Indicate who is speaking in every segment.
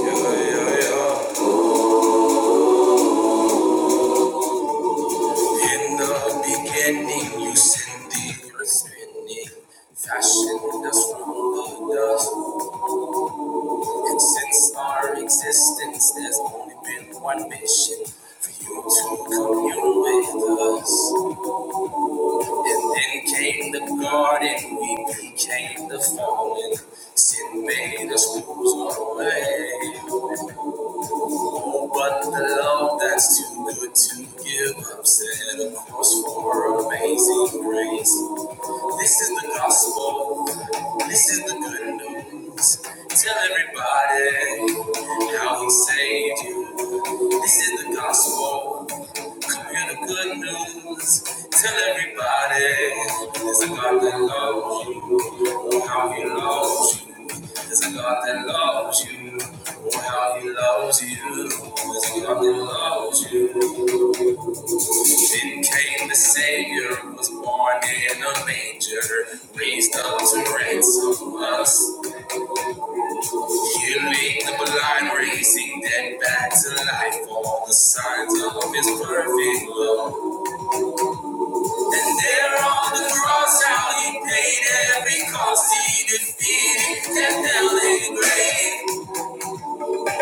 Speaker 1: In the beginning, you send the earth spinning, fashioned us from the dust. And since our existence, there's only been one mission for you to commune with us. And then came the garden, we became the fallen. Sin made us lose our way. Oh, but the love that's too good to give up set a course for amazing grace. This is the gospel. This is the good news. Tell everybody how he saved you. This in the gospel. Come hear the good news. Tell everybody there's a God that loves you. Oh, how he loves you. There's a God that loves you. Oh, how he loves you. There's a God that loves you. Then came the Savior, was born in a manger, raised up to ransom us. Healing the blind, raising dead back to life. All the signs of his perfect love. And there on the cross, how he paid every cost. He defeated death, hell, and grave.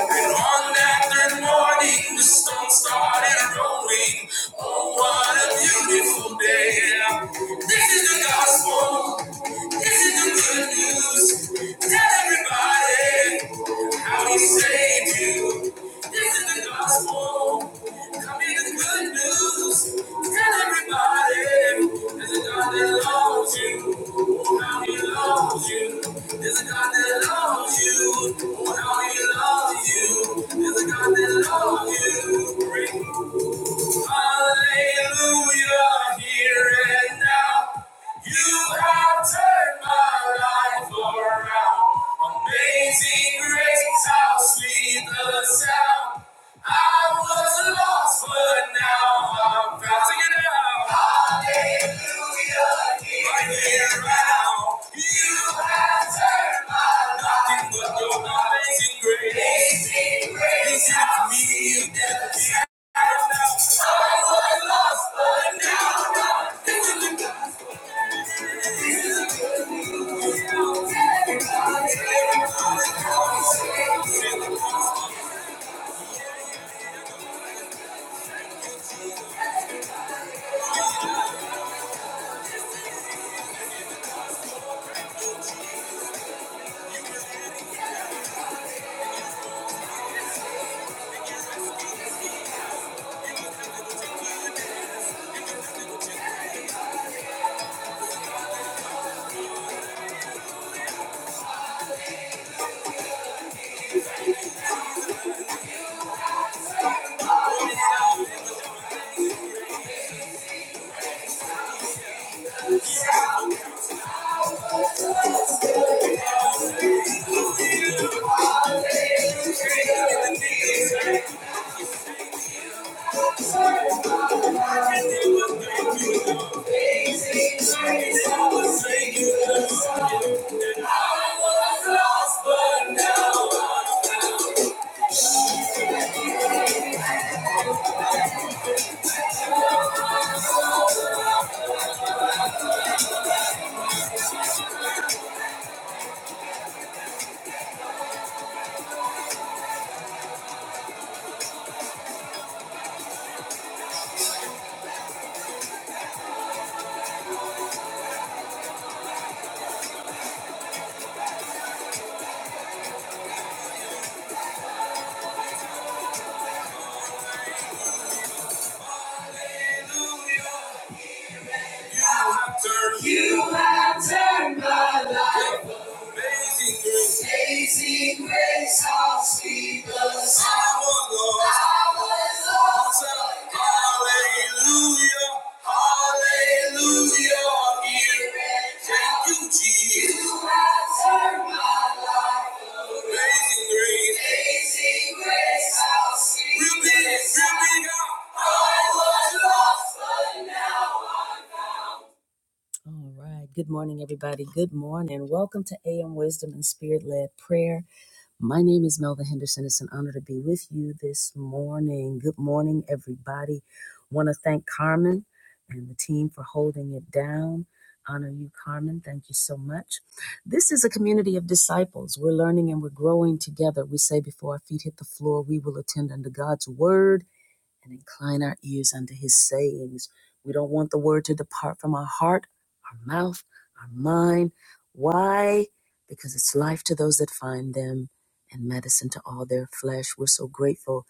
Speaker 1: And on that third morning, the stone started rolling. Oh, what a beautiful day! This is the gospel. This is the good news. Tell everybody how he saved you. This is the the gospel. Come in the good news. Tell everybody there's a God that loves you. Oh, how he loves you. There's a God that loves you. Oh, how he loves you. There's a God that loves you. Hallelujah, here and now. You have turned my life around. Amazing grace, how sweet the sound. I was lost, but now I'm found. Sing it out. Hallelujah, here, here and now. You have turned my life. Nothing but your amazing grace. Amazing grace, how sweet the sound. You have turned my life. Amazing grace, how sweet the sound. Our Lord. Hallelujah, hallelujah, I'm here. and now. Thank you, Jesus. You have turned my life around. Amazing grace. Amazing grace, how sweet the sound. big, huh? I was lost, but now I'm found. All right. Good morning, everybody. Good morning. Welcome to AM Wisdom and Spirit Led Prayer. My name is Melva Henderson. It's an honor to be with you this morning. Good morning, everybody. Want to thank Carmen and the team for holding it down. Honor you, Carmen. Thank you so much. This is a community of disciples. We're learning and we're growing together. We say, before our feet hit the floor, we will attend unto God's word and incline our ears unto his sayings. We don't want the word to depart from our heart, our mouth, our mind. Why? Because it's life to those that find them and medicine to all their flesh. We're so grateful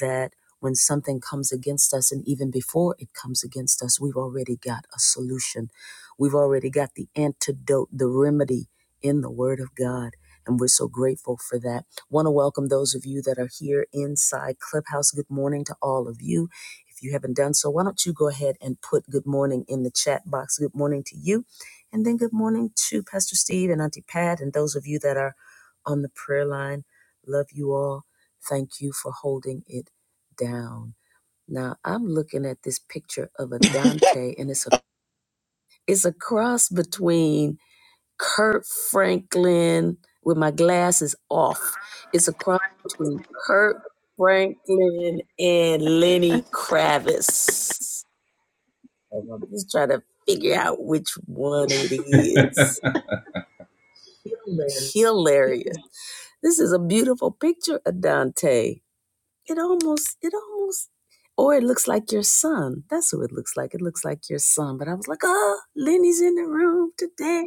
Speaker 1: that when something comes against us, and even before it comes against us, we've already got a solution. We've already got the antidote, the remedy in the Word of God. And we're so grateful for that. Want to welcome those of you that are here inside Clubhouse. Good morning to all of you. If you haven't done so, why don't you go ahead and put good morning in the chat box? Good morning to you. And then good morning to Pastor Steve and Auntie Pat and those of you that are on the prayer line. Love you all. Thank you for holding it down. Now I'm looking at this picture of a Dante, and it's a it's a cross between Kurt Franklin with my glasses off. It's a cross between Kurt Franklin and Lenny Kravitz. I'm just trying to figure out which one it is.
Speaker 2: Good
Speaker 1: Hilarious. This is a beautiful picture of Dante. it almost it almost or it looks like your son. That's who it looks like. It looks like your son. But I was like, oh, Lenny's in the room today.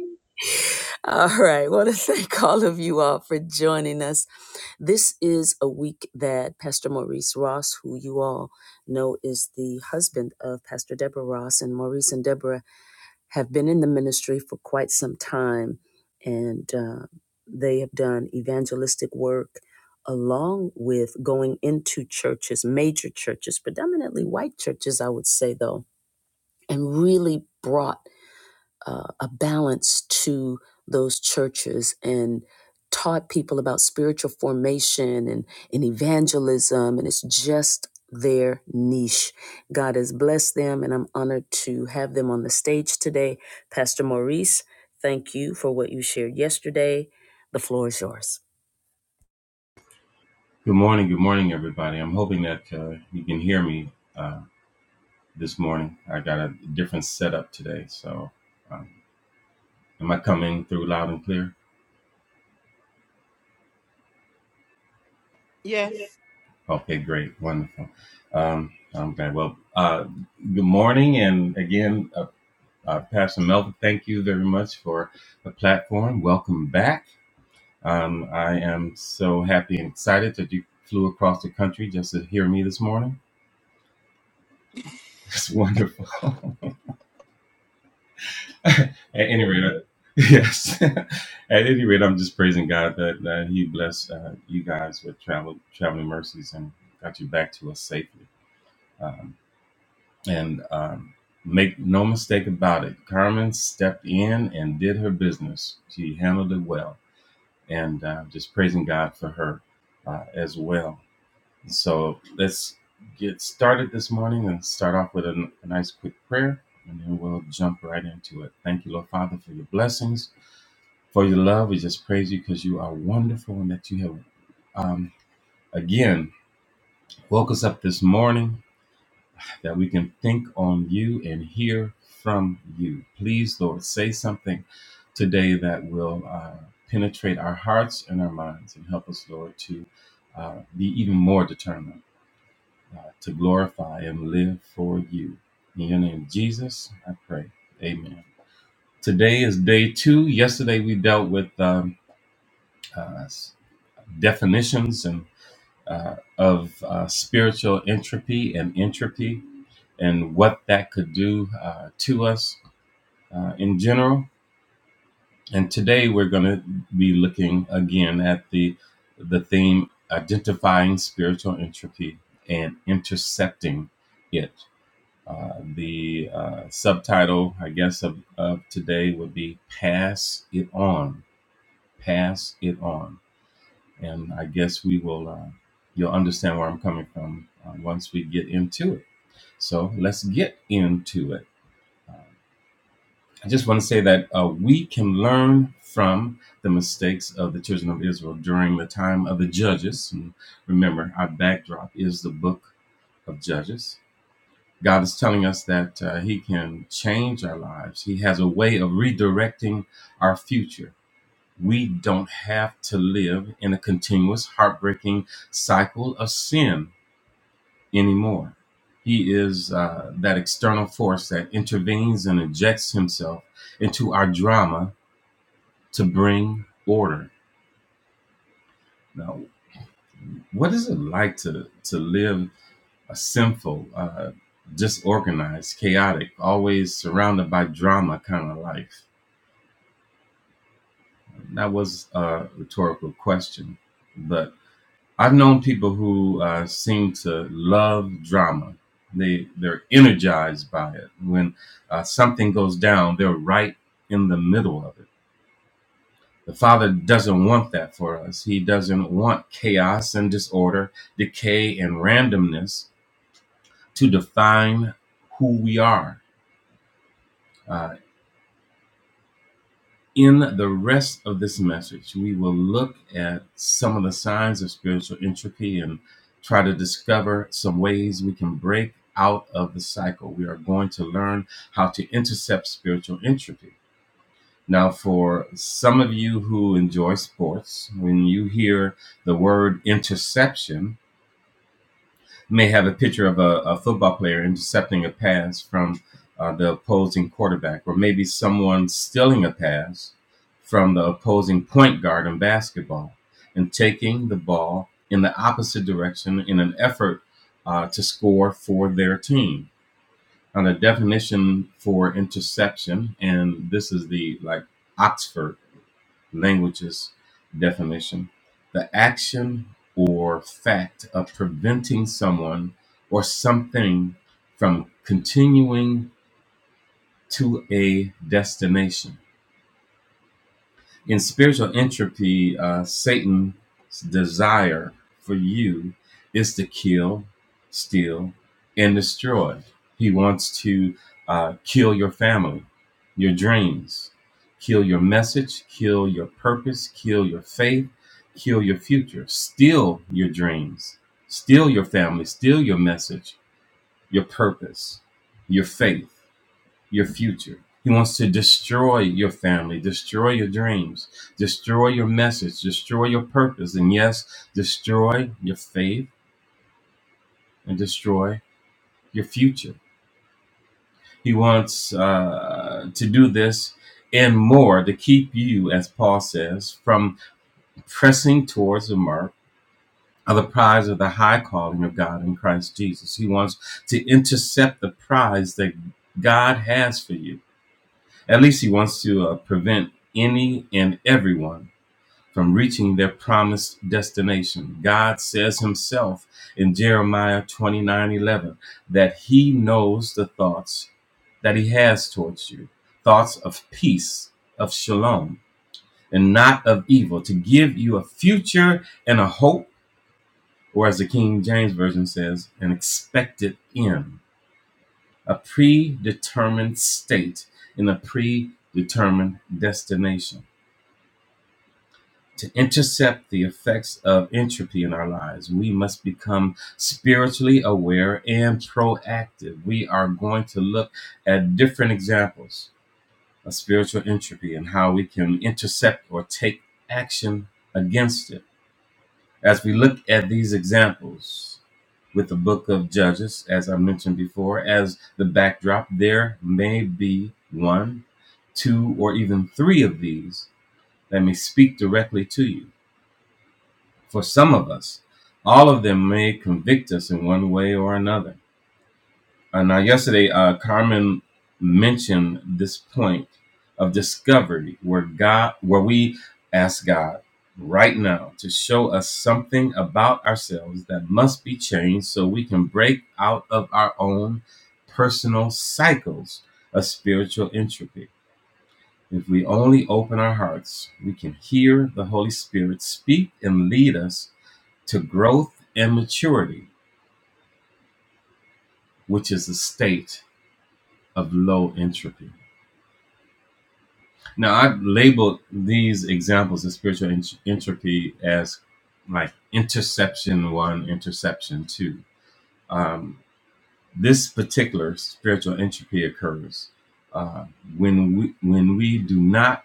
Speaker 1: All right. want to thank all of you all for joining us. This is a week that Pastor Maurice Ross, who you all know is the husband of Pastor Deborah Ross, and Maurice and Deborah have been in the ministry for quite some time, and uh, they have done evangelistic work along with going into churches, major churches, predominantly white churches, I would say, though, and really brought uh, a balance to those churches and taught people about spiritual formation and, and evangelism. And it's just their niche. God has blessed them, and I'm honored to have them on the stage today. Pastor Maurice, thank you for what you shared yesterday. The floor is yours.
Speaker 2: morning, good morning, everybody. I'm hoping that uh, you can hear me uh, this morning. I got a different setup today, so um, am I coming through loud and clear?
Speaker 3: Yes.
Speaker 2: Okay, great, wonderful. Um, I'm glad. Well, uh, good morning, and again, uh, uh, Pastor Melvin, thank you very much for the platform. Welcome back. Um, I am so happy and excited that you flew across the country just to hear me this morning. It's wonderful. At any rate, I- yes. At any rate, I'm just praising God that, that He blessed uh, you guys with travel traveling mercies and got you back to us safely. Um, and um, make no mistake about it, Carmen stepped in and did her business. She handled it well, and uh, just praising God for her uh, as well. So let's get started this morning and start off with a, a nice quick prayer, and then we'll jump right into it. Thank you, Lord Father, for your blessings. For your love, we just praise you because you are wonderful and that you have, um, again, woke us up this morning that we can think on you and hear from you. Please, Lord, say something today that will uh, penetrate our hearts and our minds and help us, Lord, to uh, be even more determined uh, to glorify and live for you. In your name, Jesus, I pray. Amen. Today is day two. Yesterday we dealt with um, uh, definitions and uh, of uh, spiritual entropy and entropy and what that could do uh, to us uh, in general. And today we're going to be looking again at the the theme identifying spiritual entropy and intercepting it. Uh, the uh, subtitle, I guess, of, of today would be "Pass It On." Pass it on and I guess we will. Uh, you'll understand where I'm coming from uh, once we get into it. So let's get into it. Uh, I just want to say that uh, we can learn from the mistakes of the children of Israel during the time of the judges. And remember, our backdrop is the book of Judges. God is telling us that uh, He can change our lives. He has a way of redirecting our future we don't have to live in a continuous, heartbreaking cycle of sin anymore. He is uh, that external force that intervenes and injects himself into our drama to bring order. Now, what is it like to to live a sinful, uh, disorganized, chaotic, always surrounded by drama kind of life? That was a rhetorical question, but. I've known people who uh, seem to love drama. They they're energized by it. When uh, something goes down, they're right in the middle of it. The Father doesn't want that for us. He doesn't want chaos and disorder, decay and randomness to define who we are. Uh, In the rest of this message, we will look at some of the signs of spiritual entropy and try to discover some ways we can break out of the cycle. We are going to learn how to intercept spiritual entropy. Now, for some of you who enjoy sports, when you hear the word interception, may have a picture of a, a football player intercepting a pass from uh, the opposing quarterback, or maybe someone stealing a pass from the opposing point guard in basketball and taking the ball in the opposite direction in an effort uh, to score for their team. Now, the definition for interception, and this is the like Oxford languages definition the action or fact of preventing someone or something from continuing to a destination in spiritual entropy, uh, Satan's desire for you is to kill, steal, and destroy. He wants to uh, kill your family, your dreams, kill your message, kill your purpose, kill your faith, kill your future, steal your dreams, steal your family, steal your message, your purpose, your faith your future. He wants to destroy your family, destroy your dreams, destroy your message, destroy your purpose, and yes, destroy your faith and destroy your future. He wants uh, to do this and more to keep you, as Paul says, from pressing towards the mark of the prize of the high calling of God in Christ Jesus. He wants to intercept the prize that God has for you. At least he wants to uh, prevent any and everyone from reaching their promised destination. God says himself in Jeremiah 29, 11, that he knows the thoughts that he has towards you thoughts of peace, of shalom, and not of evil, to give you a future and a hope, or as the King James Version says, an expected end, a predetermined state in a predetermined destination. To intercept the effects of entropy in our lives, we must become spiritually aware and proactive. We are going to look at different examples of spiritual entropy and how we can intercept or take action against it. As we look at these examples with the book of Judges, as I mentioned before, as the backdrop, there may be one, two, or even three of these that may speak directly to you for some of us. All of them may convict us in one way or another. Uh, now, yesterday, uh, Carmen mentioned this point of discovery, where God, where we ask God right now to show us something about ourselves that must be changed, so we can break out of our own personal cycles of spiritual entropy. If we only open our hearts, we can hear the Holy Spirit speak and lead us to growth and maturity, which is a state of low entropy. Now, I've labeled these examples of spiritual ent- entropy as like interception one, interception two. Um, this particular spiritual entropy occurs uh, when we when we do not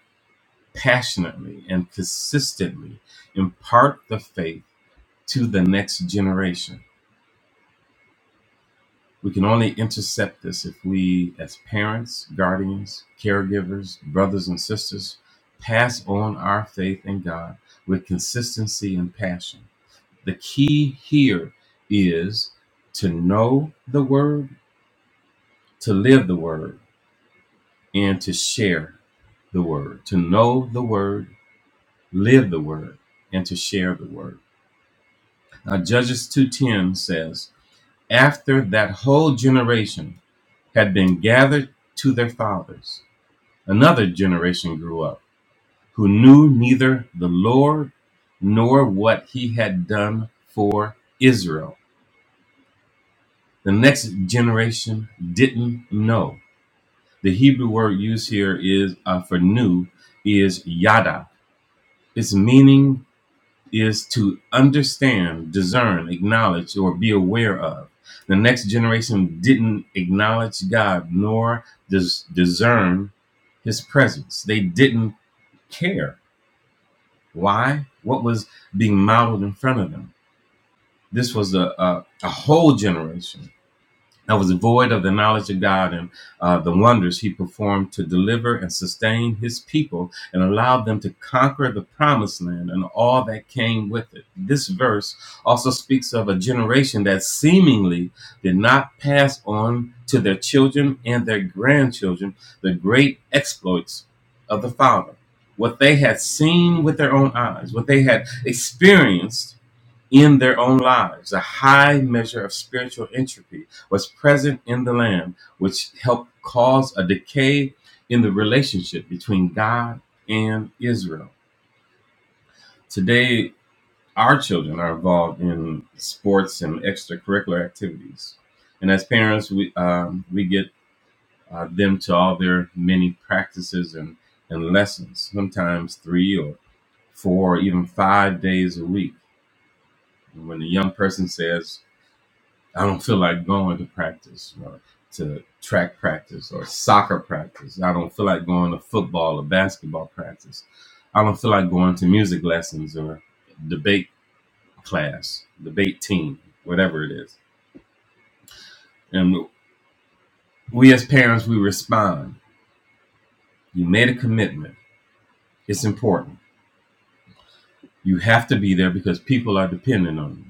Speaker 2: passionately and consistently impart the faith to the next generation We can only intercept this if we, as parents, guardians, caregivers, brothers, and sisters, pass on our faith in God with consistency and passion. The key here is to know the Word, to live the Word, and to share the Word. To know the Word, live the Word, and to share the Word. Now, Judges 2.10 says, After that whole generation had been gathered to their fathers, Another generation grew up who knew neither the Lord nor what he had done for Israel. The next generation didn't know. The Hebrew word used here is uh, for new is yada. Its meaning is to understand, discern, acknowledge, or be aware of. The next generation didn't acknowledge God nor dis- discern his presence. They didn't care Why? What was being modeled in front of them? This was a, a, a whole generation I was void of the knowledge of God and uh, the wonders he performed to deliver and sustain his people and allowed them to conquer the promised land and all that came with it. This verse also speaks of a generation that seemingly did not pass on to their children and their grandchildren the great exploits of the Father, what they had seen with their own eyes, what they had experienced in their own lives. A high measure of spiritual entropy was present in the land, which helped cause a decay in the relationship between God and Israel. Today, our children are involved in sports and extracurricular activities. And as parents, we, um, we get uh, them to all their many practices and, and lessons, sometimes three or four or even five days a week. And when a young person says, I don't feel like going to practice or to track practice or soccer practice. I don't feel like going to football or basketball practice. I don't feel like going to music lessons or debate class, debate team, whatever it is. And we as parents, we respond. You made a commitment. It's important. You have to be there because people are dependent on you.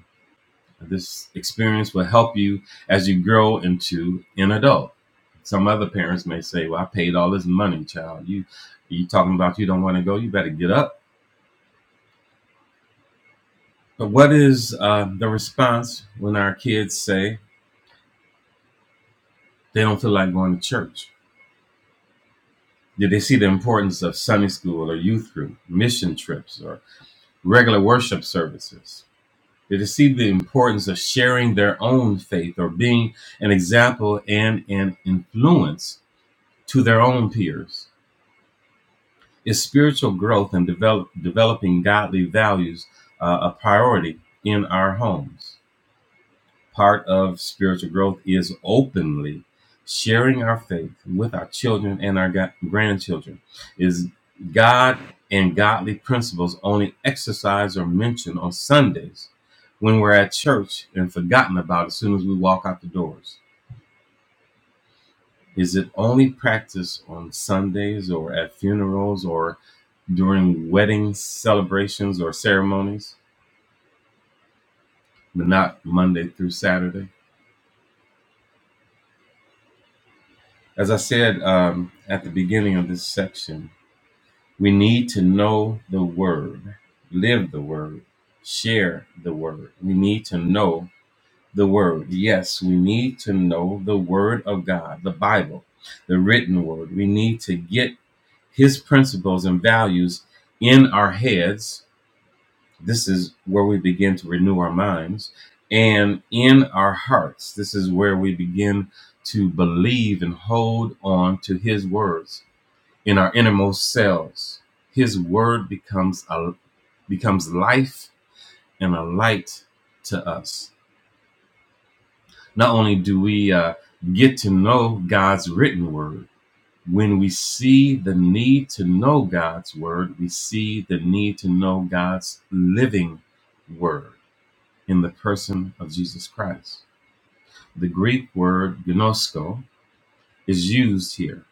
Speaker 2: This experience will help you as you grow into an adult. Some other parents may say, "Well, I paid all this money, child. You, you talking about you don't want to go? You better get up." But what is uh, the response when our kids say they don't feel like going to church? Did they see the importance of Sunday school or youth group, mission trips, or regular worship services? Did they see the importance of sharing their own faith or being an example and an influence to their own peers? Is spiritual growth and develop, developing godly values uh, a priority in our homes? Part of spiritual growth is openly sharing our faith with our children and our ga- grandchildren. Is God and godly principles only exercised or mentioned on Sundays when we're at church and forgotten about as soon as we walk out the doors? Is it only practiced on Sundays or at funerals or during weddings, celebrations, or ceremonies, but not Monday through Saturday. As I said um, at the beginning of this section, we need to know the Word, live the Word, share the Word. We need to know the Word. Yes, we need to know the Word of God, the Bible, the written Word. We need to get His principles and values in our heads This is where we begin to renew our minds and in our hearts. This is where we begin to believe and hold on to His words in our innermost selves. His word becomes a becomes life and a light to us. Not only do we uh, get to know God's written word, when we see the need to know God's word, we see the need to know God's living word. in the person of Jesus Christ. The Greek word gnosko is used here,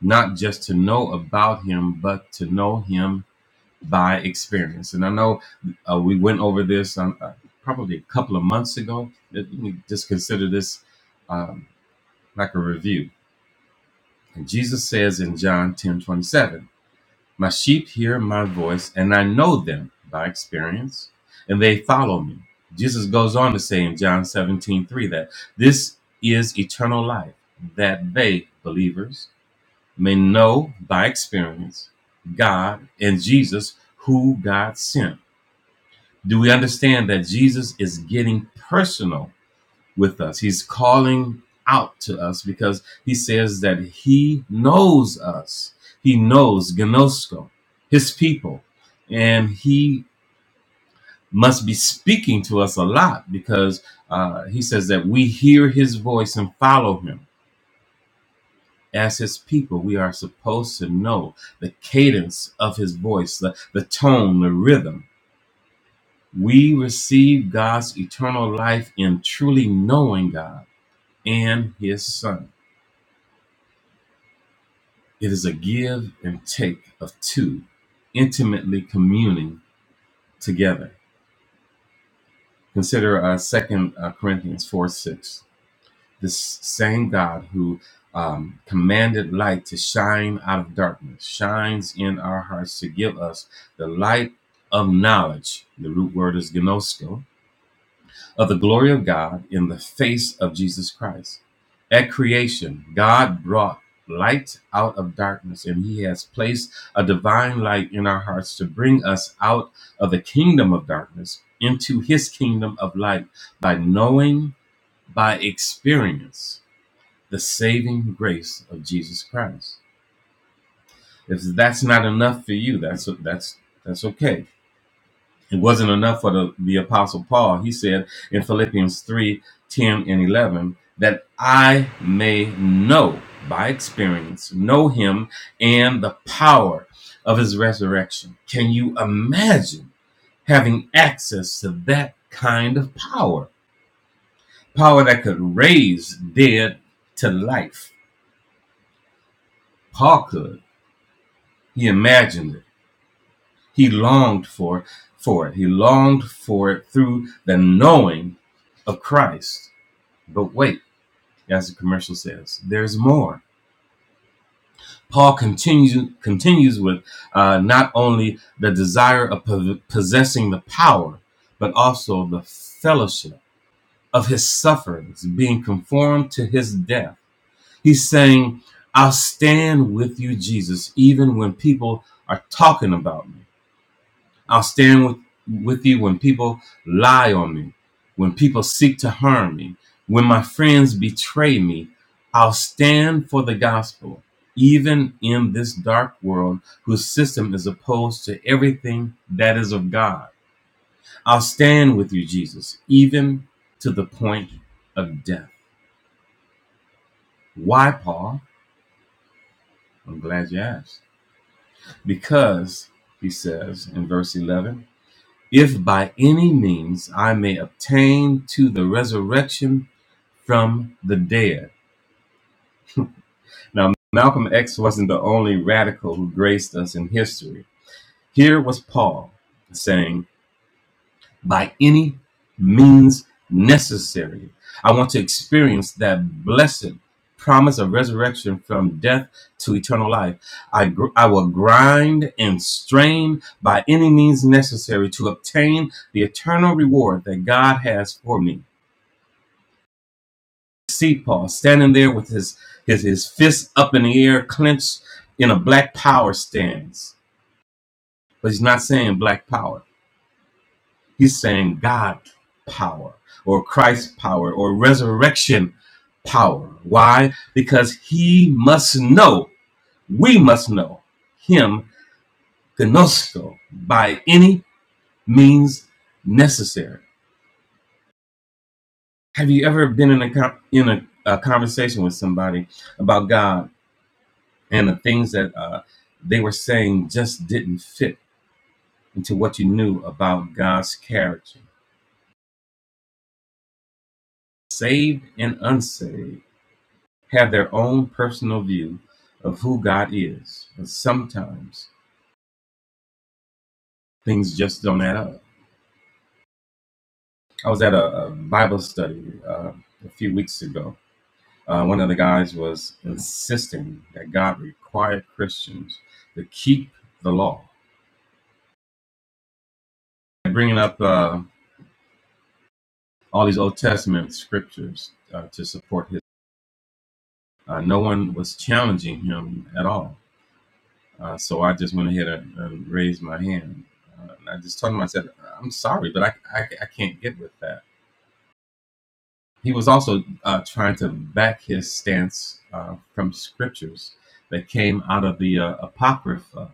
Speaker 2: not just to know about him, but to know him by experience. And I know uh, we went over this um, uh, probably a couple of months ago. Let me just consider this um, like a review. And Jesus says in John ten twenty seven. My sheep hear my voice, and I know them by experience, and they follow me. Jesus goes on to say in John 17:3 that this is eternal life, that they, believers, may know by experience God and Jesus, who God sent. Do we understand that Jesus is getting personal with us. He's calling out to us because he says that he knows us. He knows Gnosko, his people, and he must be speaking to us a lot because uh, he says that we hear his voice and follow him. As his people, we are supposed to know the cadence of his voice, the, the tone, the rhythm. We receive God's eternal life in truly knowing God and his son. It is a give and take of two intimately communing together. Consider uh, 2 uh, Corinthians 4 6. This same God who um, commanded light to shine out of darkness shines in our hearts to give us the light of knowledge. The root word is gnosko of the glory of God in the face of Jesus Christ. At creation, God brought light out of darkness, and He has placed a divine light in our hearts to bring us out of the kingdom of darkness into His kingdom of light by knowing, by experience, the saving grace of Jesus Christ. If that's not enough for you, that's that's that's okay it wasn't enough for the, the Apostle Paul. He said in Philippians 3, 10 and 11, that I may know by experience, know him and the power of his resurrection. Can you imagine having access to that kind of power? Power that could raise dead to life. Paul could. He imagined it. He longed for, for it. He longed for it through the knowing of Christ But wait, as the commercial says, there's more. Paul continues continues with uh, not only the desire of po- possessing the power, but also the fellowship of his sufferings, being conformed to his death. He's saying, "I'll stand with you, Jesus, even when people are talking about me." I'll stand with, with you when people lie on me, when people seek to harm me, when my friends betray me. I'll stand for the gospel, even in this dark world whose system is opposed to everything that is of God. I'll stand with you, Jesus, even to the point of death. Why, Paul? I'm glad you asked. Because, he says in verse 11, if by any means I may obtain to the resurrection from the dead. Now, Malcolm X wasn't the only radical who graced us in history. Here was Paul saying, by any means necessary, I want to experience that blessed promise of resurrection from death to eternal life. I, gr- I will grind and strain by any means necessary to obtain the eternal reward that God has for me. Paul standing there with his, his his fists up in the air, clenched in a black power stance. But he's not saying black power. He's saying God power or Christ power or resurrection power. Why? Because he must know, we must know him, gnosko, by any means necessary. Have you ever been in a, in a, a conversation with somebody about God and the things that uh, they were saying just didn't fit into what you knew about God's character. Saved and unsaved have their own personal view of who God is, and sometimes things just don't add up. I was at a, a Bible study uh, a few weeks ago. Uh, one of the guys was insisting that God required Christians to keep the law, bringing up uh, all these Old Testament scriptures uh, to support his. Uh, no one was challenging him at all. Uh, so I just went ahead and, and raised my hand. Uh, and I just told him, I said, I'm sorry, but I, I, I can't get with that. He was also uh, trying to back his stance uh, from scriptures that came out of the uh, Apocrypha,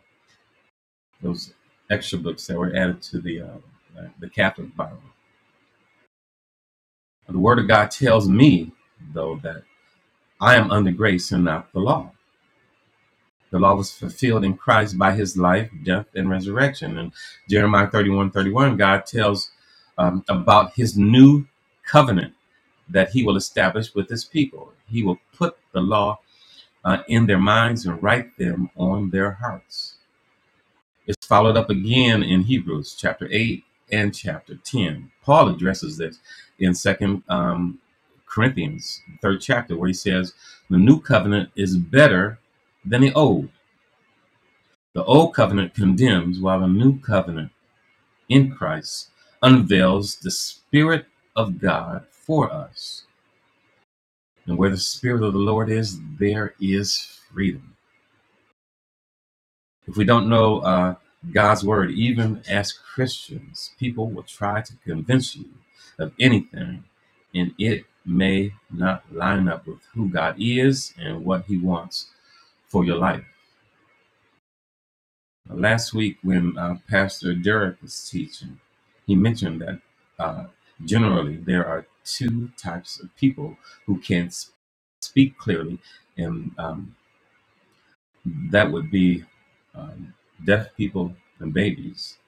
Speaker 2: those extra books that were added to the, uh, the Catholic Bible. The Word of God tells me, though, that I am under grace and not the law. The law was fulfilled in Christ by his life, death, and resurrection. And Jeremiah 31, 31, God tells um, about his new covenant that he will establish with his people. He will put the law uh, in their minds and write them on their hearts. It's followed up again in Hebrews chapter 8 and chapter 10. Paul addresses this in Second um, Corinthians, third chapter, where he says, The new covenant is better than the old the Old Covenant condemns, while the New Covenant in Christ unveils the Spirit of God for us. And where the Spirit of the Lord is, there is freedom. If we don't know uh, God's Word, even as Christians, people will try to convince you of anything, and it may not line up with who God is and what He wants for your life. Last week, when uh, Pastor Derek was teaching, he mentioned that uh, generally there are two types of people who can s- speak clearly, and um, that would be um, deaf people and babies.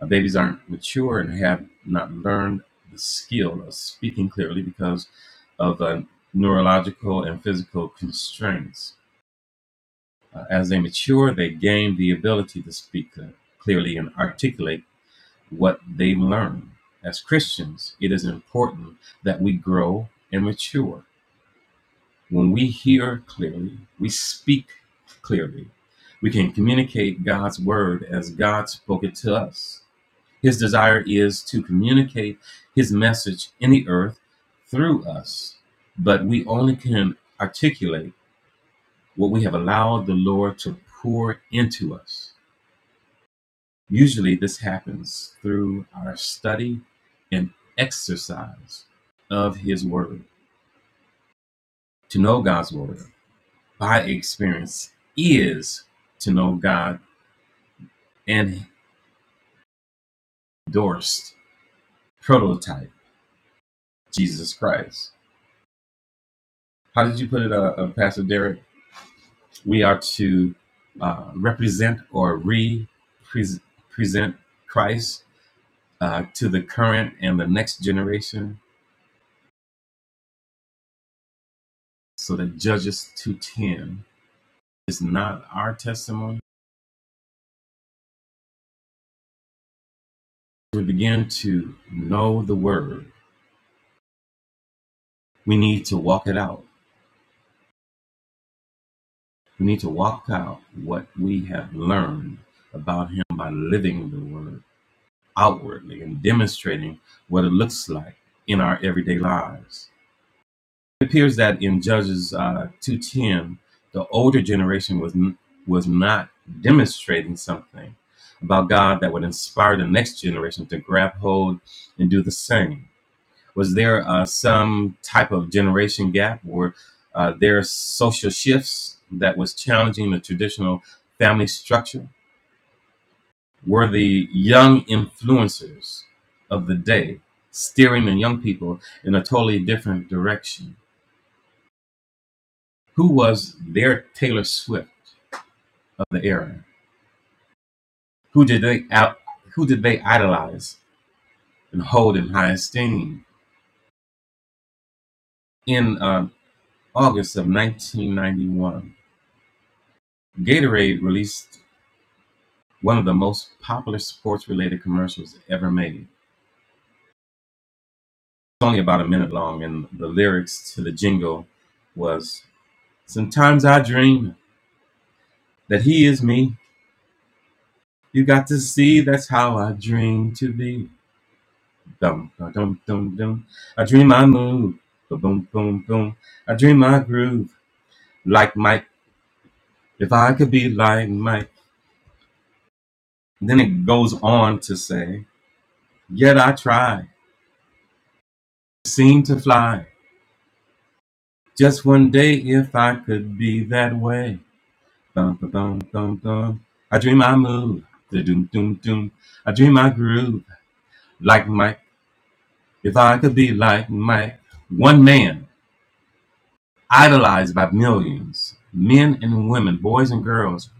Speaker 2: Uh, babies aren't mature and have not learned the skill of speaking clearly because of uh, neurological and physical constraints. Uh, as they mature, they gain the ability to speak uh, clearly and articulate what they learn. As Christians, it is important that we grow and mature. When we hear clearly, we speak clearly. We can communicate God's word as God spoke it to us. His desire is to communicate his message in the earth through us, but we only can articulate what we have allowed the Lord to pour into us. Usually this happens through our study and exercise of His Word. To know God's Word by experience is to know God and endorsed prototype, Jesus Christ. How did you put it, uh, uh, Pastor Derek? We are to uh, represent or re-present Christ uh, to the current and the next generation so that Judges 2.10 is not our testimony we begin to know the word, we need to walk it out. We need to walk out what we have learned about Him by living the word outwardly and demonstrating what it looks like in our everyday lives. It appears that in Judges uh, 2.10, the older generation was, n- was not demonstrating something about God that would inspire the next generation to grab hold and do the same Was there uh, some type of generation gap or uh, there are social shifts that was challenging the traditional family structure? Were the young influencers of the day steering the young people in a totally different direction? Who was their Taylor Swift of the era? Who did they out? Who did they idolize and hold in high esteem? In uh, August of 1991, Gatorade released One of the most popular sports related commercials ever made. It's only about a minute long, and the lyrics to the jingle was Sometimes I dream that he is me. You got to see that's how I dream to be. Dum, dum, dum, dum, I dream I move. Boom, boom, boom. I dream I groove like Mike. If I could be like Mike. And Then it goes on to say, Yet I try, seem to fly. Just one day if I could be that way. Bum, bum, bum, bum, bum. I dream I move. Da-dum, dum, dum. I dream I groove like Mike. If I could be like Mike, one man idolized by millions, men and women, boys and girls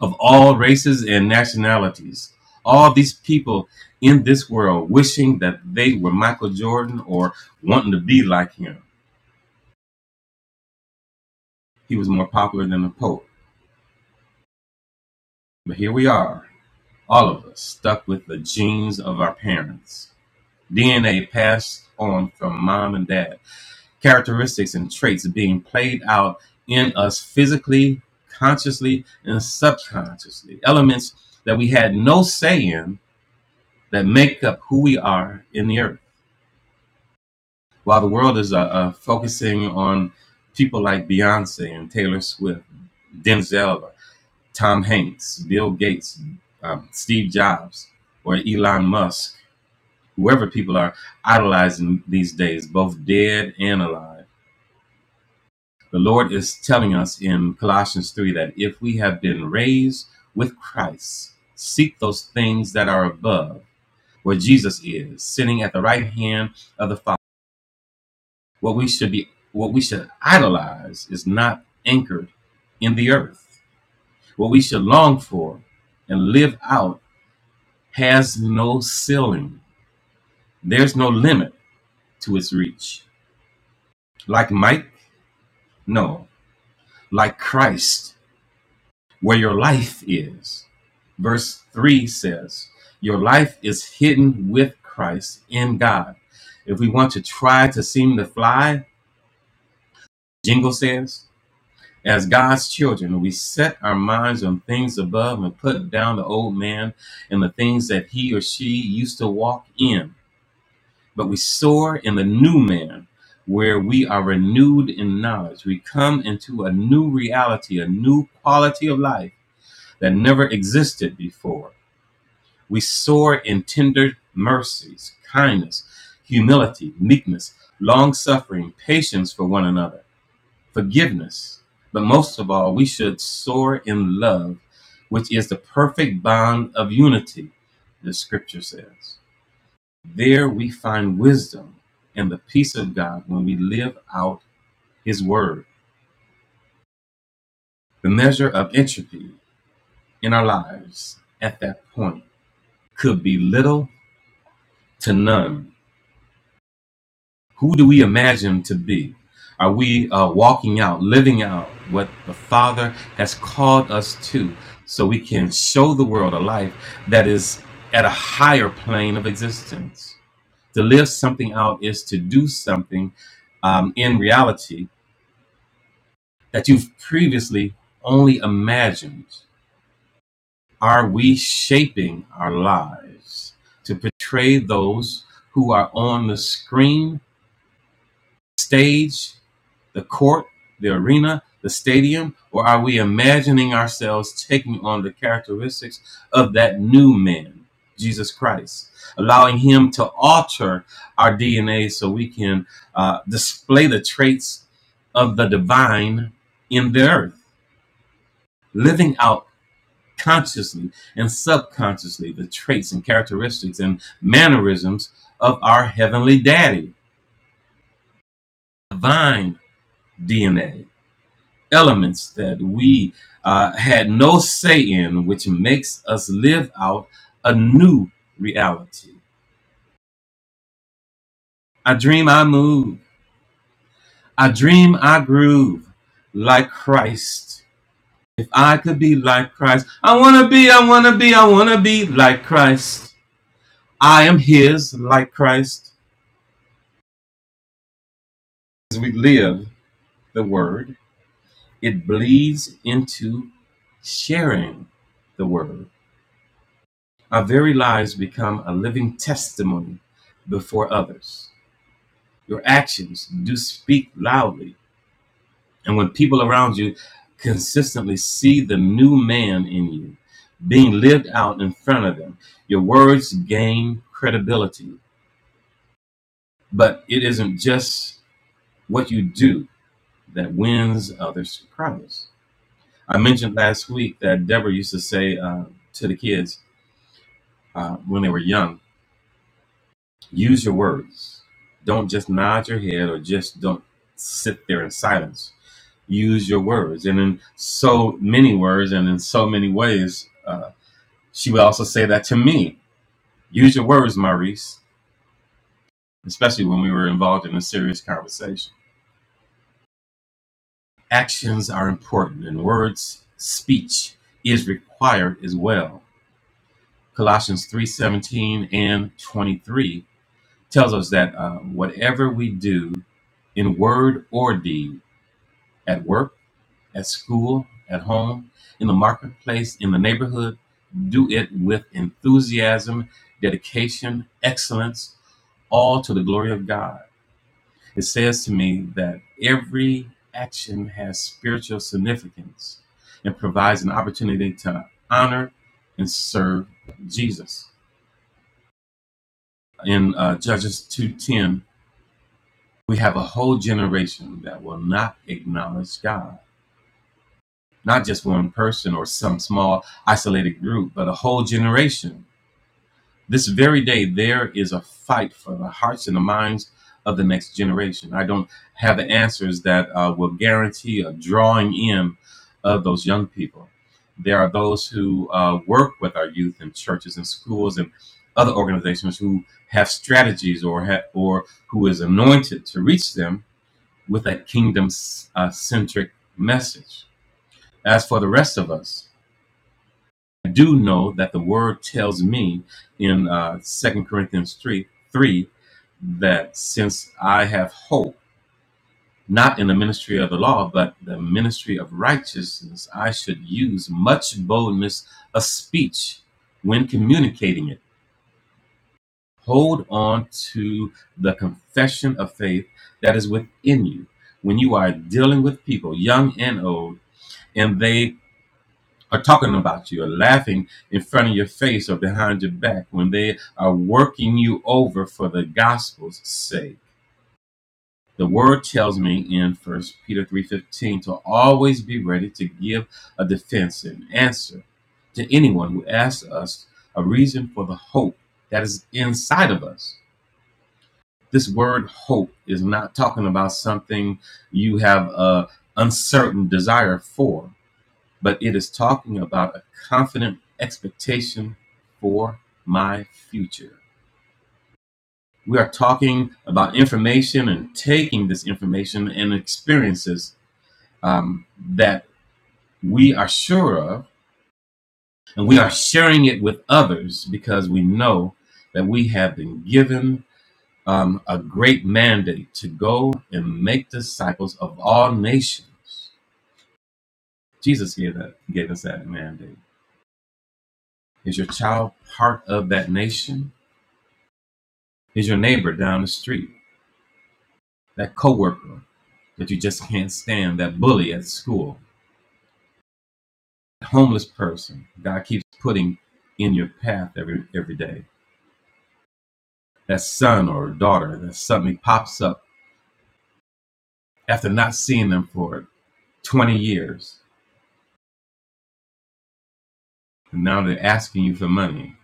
Speaker 2: of all races and nationalities. All these people in this world wishing that they were Michael Jordan or wanting to be like him. He was more popular than the Pope. But here we are, all of us stuck with the genes of our parents DNA passed on from mom and dad. Characteristics and traits being played out in us physically, consciously, and subconsciously. Elements that we had no say in that make up who we are in the earth. While the world is uh, uh, focusing on people like Beyonce and Taylor Swift, Denzel, Tom Hanks, Bill Gates, um, Steve Jobs, or Elon Musk, whoever people are idolizing these days, both dead and alive The Lord is telling us in Colossians 3 that if we have been raised with Christ, seek those things that are above, where Jesus is, sitting at the right hand of the Father. What we should be what we should idolize is not anchored in the earth. What we should long for and live out has no ceiling. There's no limit to its reach. Like Mike? No. Like Christ. where your life is. Verse 3 says, Your life is hidden with Christ in God. If we want to try to seem to fly, Jingle says, as God's children, we set our minds on things above and put down the old man and the things that he or she used to walk in. But we soar in the new man, where we are renewed in knowledge. We come into a new reality, a new quality of life that never existed before. We soar in tender mercies, kindness, humility, meekness, long suffering, patience for one another, forgiveness. But most of all, we should soar in love, which is the perfect bond of unity, the scripture says. There we find wisdom and the peace of God when we live out his word. The measure of entropy in our lives at that point could be little to none Who do we imagine to be? Are we uh, walking out, living out what the Father has called us to so we can show the world a life that is at a higher plane of existence? To live something out is to do something um, in reality that you've previously only imagined. Are we shaping our lives to portray those who are on the screen, stage, the court, the arena, the stadium, or are we imagining ourselves taking on the characteristics of that new man, Jesus Christ, allowing him to alter our DNA so we can uh, display the traits of the divine in the earth, living out consciously and subconsciously the traits and characteristics and mannerisms of our heavenly daddy, divine DNA? elements that we uh, had no say in, which makes us live out a new reality. I dream I move. I dream I groove like Christ. If I could be like Christ, I want to be, I want to be, I want to be like Christ. I am His like Christ. As we live the Word, it bleeds into sharing the Word. Our very lives become a living testimony before others. Your actions do speak loudly. And when people around you consistently see the new man in you being lived out in front of them, your words gain credibility. But it isn't just what you do that wins others' promise. I mentioned last week that Deborah used to say uh, to the kids uh, when they were young, Use your words. Don't just nod your head or just don't sit there in silence. Use your words. And in so many words and in so many ways, uh, she would also say that to me. Use your words, Maurice, especially when we were involved in a serious conversation. Actions are important and words, speech is required as well. Colossians 3:17 and 23 tells us that uh, whatever we do in word or deed at work at school, at home, in the marketplace, in the neighborhood. Do it with enthusiasm, dedication, excellence, all to the glory of God. It says to me that every action has spiritual significance and provides an opportunity to honor and serve Jesus. In uh, Judges 2:10, we have a whole generation that will not acknowledge God not just one person or some small isolated group, but a whole generation. This very day, there is a fight for the hearts and the minds of the next generation. I don't have the answers that uh, will guarantee a drawing in of those young people. There are those who uh, work with our youth in churches and schools and other organizations who have strategies or ha- or who is anointed to reach them with a kingdom uh, centric message. As for the rest of us, I do know that the word tells me in uh, 2 Corinthians 3, 3 that since I have hope, not in the ministry of the law, but the ministry of righteousness, I should use much boldness of speech when communicating it. Hold on to the confession of faith that is within you. When you are dealing with people, young and old, and they are talking about you are laughing in front of your face or behind your back when they are working you over for the gospel's sake. The word tells me in First Peter 3:15 to always be ready to give a defense and answer to anyone who asks us a reason for the hope that is inside of us. This word hope is not talking about something you have a uncertain desire for but it is talking about a confident expectation for my future. We are talking about information and taking this information and experiences um, that we are sure of, and we are sharing it with others because we know that we have been given um, a great mandate to go and make disciples of all nations. Jesus gave that gave us that mandate. Is your child part of that nation? Is your neighbor down the street, that coworker that you just can't stand, that bully at school, that homeless person God keeps putting in your path every every day, that son or daughter that suddenly pops up after not seeing them for 20 years, and now they're asking you for money.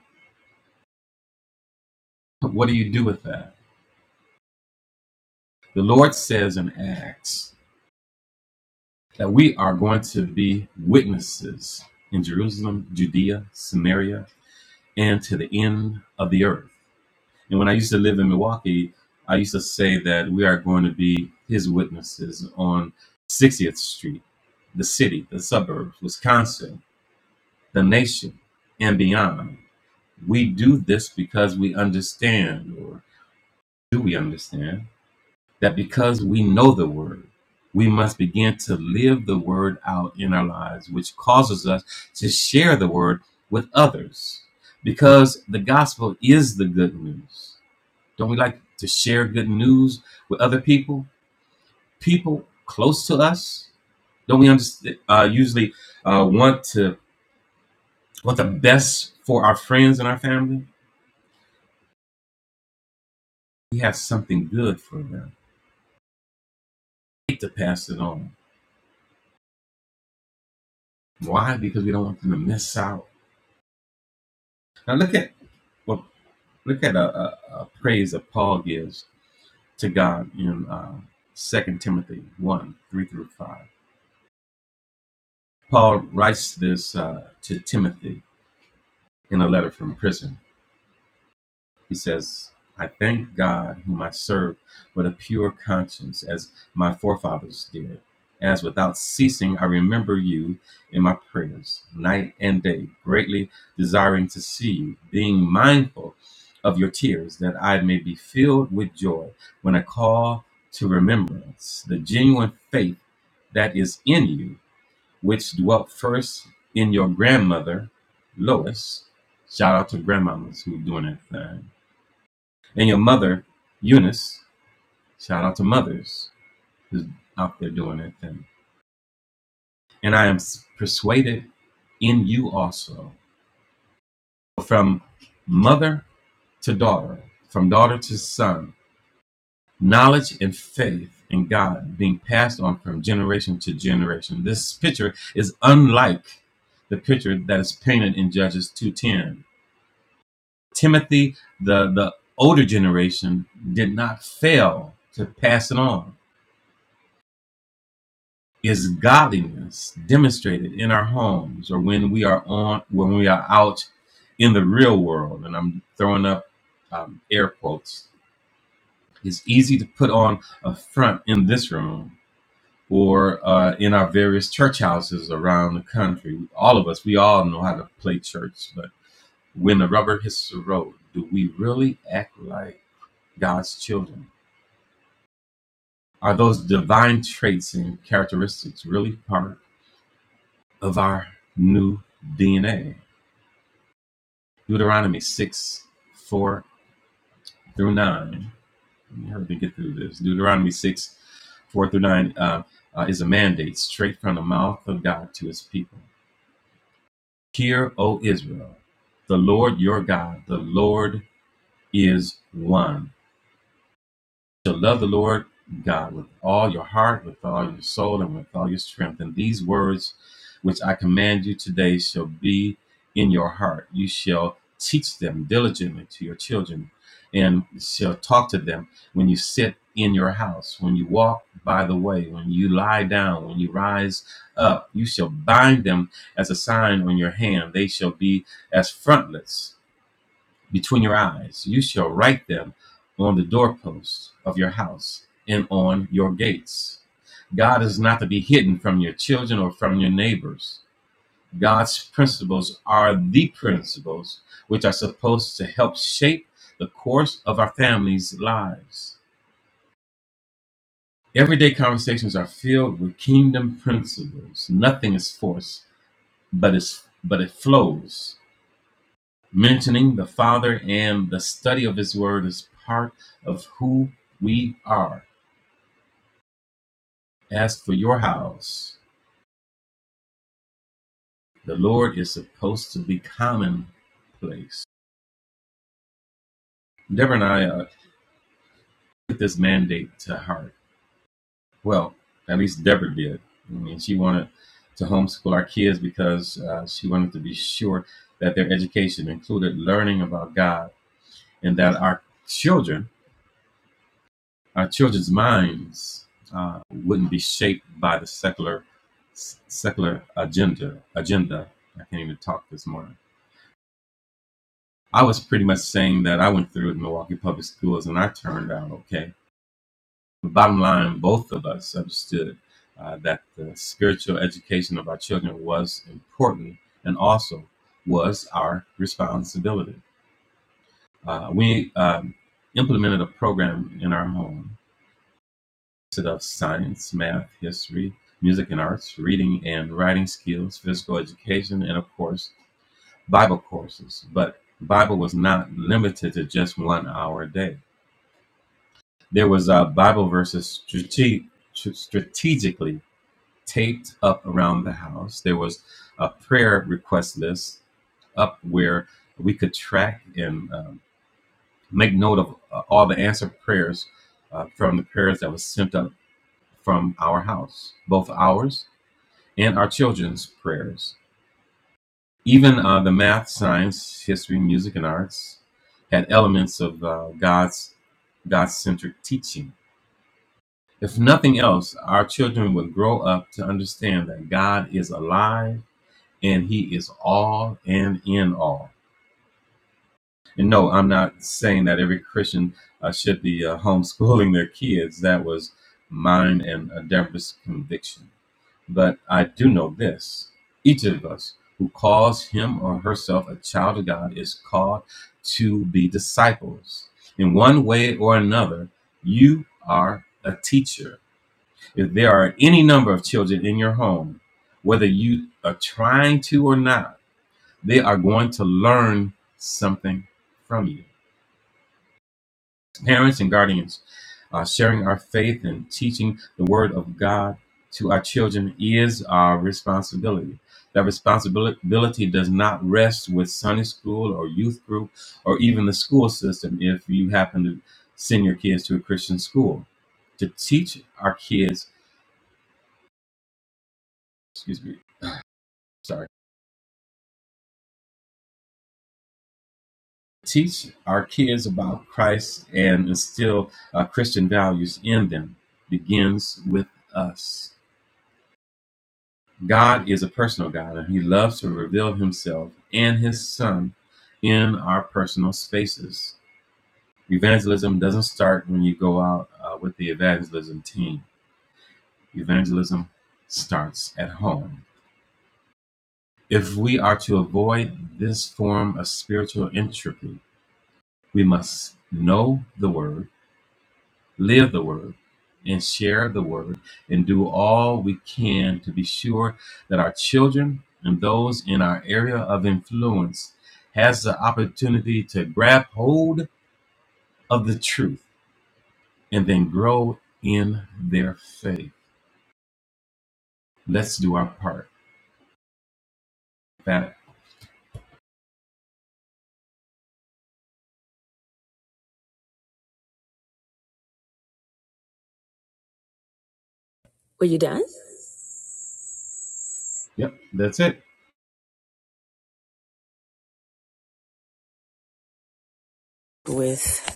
Speaker 2: But What do you do with that? The Lord says in Acts that we are going to be witnesses in Jerusalem, Judea, Samaria, and to the end of the earth. And when I used to live in Milwaukee, I used to say that we are going to be his witnesses on 60th Street, the city, the suburbs, Wisconsin, the nation, and beyond. We do this because we understand, or do we understand, that because we know the word, we must begin to live the word out in our lives, which causes us to share the word with others because the gospel is the good news. Don't we like to share good news with other people? People close to us? Don't we understand, uh, usually uh, want to want the best for our friends and our family? We have something good for them. We hate to pass it on. Why? Because we don't want them to miss out. Now look at well, look at a, a, a praise that Paul gives to God in uh, 2 Timothy 1, 3 through 5. Paul writes this uh, to Timothy in a letter from prison. He says, I thank God, whom I serve with a pure conscience, as my forefathers did, as without ceasing I remember you in my prayers, night and day, greatly desiring to see you, being mindful of your tears, that I may be filled with joy when I call to remembrance the genuine faith that is in you, which dwelt first in your grandmother, Lois. Shout out to grandmamas who doing that thing and your mother, Eunice, shout out to mothers who's out there doing that thing. And I am persuaded in you also, from mother to daughter, from daughter to son, knowledge and faith in God being passed on from generation to generation. This picture is unlike the picture that is painted in Judges 2:10. Timothy, the, the older generation, did not fail to pass it on is godliness demonstrated in our homes or when we are on when we are out in the real world and i'm throwing up um, air quotes it's easy to put on a front in this room or uh, in our various church houses around the country all of us we all know how to play church but when the rubber hits the road do we really act like god's children are those divine traits and characteristics really part of our new dna Deuteronomy 6, 4 through 9. Let me hurry to get through this. Deuteronomy 6, 4 through 9 uh, uh, is a mandate straight from the mouth of God to his people. Hear, O Israel, the Lord your God, the Lord is one. shall love the Lord God with all your heart, with all your soul, and with all your strength. And these words which I command you today shall be in your heart. You shall teach them diligently to your children, and shall talk to them when you sit in your house, when you walk by the way, when you lie down, when you rise up. You shall bind them as a sign on your hand. They shall be as frontlets between your eyes. You shall write them on the doorposts of your house and on your gates. God is not to be hidden from your children or from your neighbors. God's principles are the principles which are supposed to help shape the course of our families' lives. Everyday conversations are filled with kingdom principles. Nothing is forced, but, it's, but it flows. Mentioning the Father and the study of His Word is part of who we are. As for your house, the Lord is supposed to be commonplace. Deborah and I uh, took this mandate to heart. Well, at least Deborah did. I mean, she wanted to homeschool our kids because uh, she wanted to be sure that their education included learning about God and that our children our children's minds uh, wouldn't be shaped by the secular secular agenda agenda. I can't even talk this morning. I was pretty much saying that I went through it in Milwaukee Public Schools and I turned out okay. The bottom line, both of us understood uh, that the spiritual education of our children was important and also was our responsibility. Uh, we um, implemented a program in our home of science, math, history, music and arts, reading and writing skills, physical education, and of course, Bible courses. But Bible was not limited to just one hour a day. There was a Bible verses strate- strategically taped up around the house. There was a prayer request list up where we could track and um, make note of uh, all the answered prayers uh, from the prayers that was sent up from our house, both ours and our children's prayers. Even uh, the math, science, history, music, and arts had elements of uh, God's God-centric teaching. If nothing else, our children would grow up to understand that God is alive and He is all and in all. And no, I'm not saying that every Christian uh, should be uh, homeschooling their kids. That was mine and uh, Deborah's conviction. But I do know this each of us who calls him or herself a child of God is called to be disciples. In one way or another, you are a teacher. If there are any number of children in your home, whether you are trying to or not, they are going to learn something from you. Parents and guardians uh, sharing our faith and teaching the word of God to our children is our responsibility. That responsibility does not rest with Sunday school or youth group or even the school system if you happen to send your kids to a Christian school. To teach our kids, excuse me, sorry, teach our kids about Christ and instill uh, Christian values in them begins with us. God is a personal God, and He loves to reveal Himself and His Son in our personal spaces. Evangelism doesn't start when you go out uh, with the evangelism team, evangelism starts at home. If we are to avoid this form of spiritual entropy, we must know the Word live the word and share the word and do all we can to be sure that our children and those in our area of influence has the opportunity to grab hold of the truth and then grow in their faith let's do our part that
Speaker 1: Were you done?
Speaker 2: yep that's it
Speaker 1: With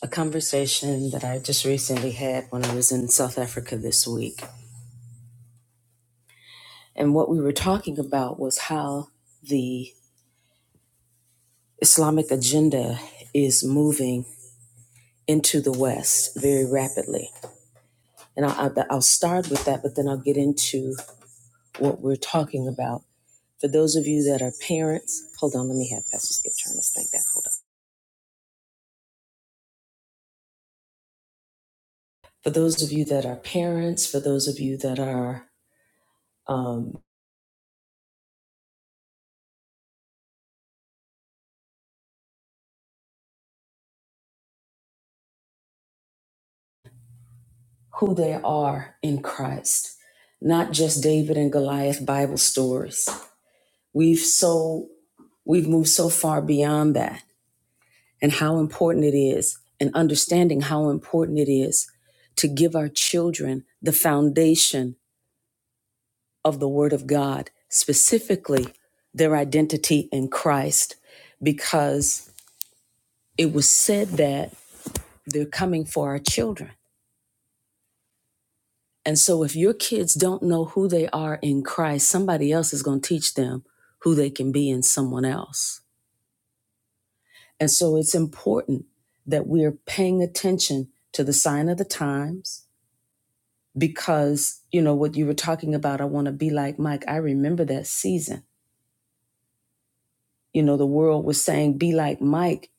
Speaker 1: a conversation that I just recently had when I was in South Africa this week. And what we were talking about was how the Islamic agenda is moving into the West very rapidly. And I'll, I'll I'll start with that, but then I'll get into what we're talking about. For those of you that are parents, hold on, let me have Pastor Skip turn this thing down. Hold on. For those of you that are parents, for those of you that are um, who they are in Christ, not just David and Goliath Bible stories, We've so we've moved so far beyond that and how important it is and understanding how important it is to give our children the foundation of the word of God, specifically their identity in Christ because it was said that they're coming for our children. And so if your kids don't know who they are in Christ, somebody else is going to teach them who they can be in someone else. And so it's important that we're paying attention to the sign of the times because, you know, what you were talking about, I want to be like Mike. I remember that season. You know, the world was saying, be like Mike,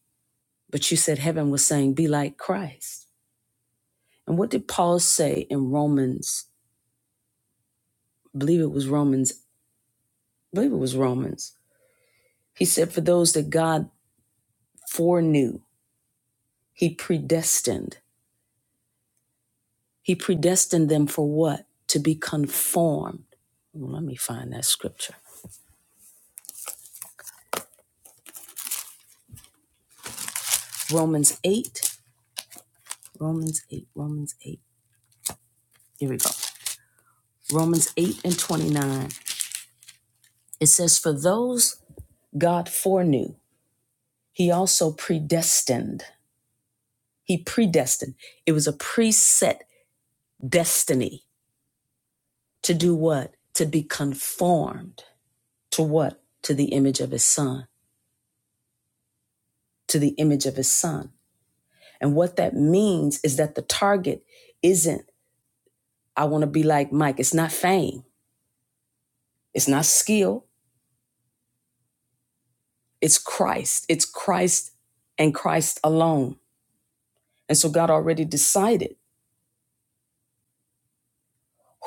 Speaker 1: but you said heaven was saying, be like Christ. And what did Paul say in Romans? I believe it was Romans. I believe it was Romans. He said, for those that God foreknew, he predestined He predestined them for what? To be conformed. Well, let me find that scripture. Romans 8, Romans 8, Romans 8. Here we go. Romans 8 and 29. It says, For those God foreknew, he also predestined. He predestined. It was a preset destiny to do what? To be conformed to what? To the image of his son. To the image of his son. And what that means is that the target isn't I want to be like Mike. It's not fame, it's not skill, it's Christ. It's Christ and Christ alone. And so God already decided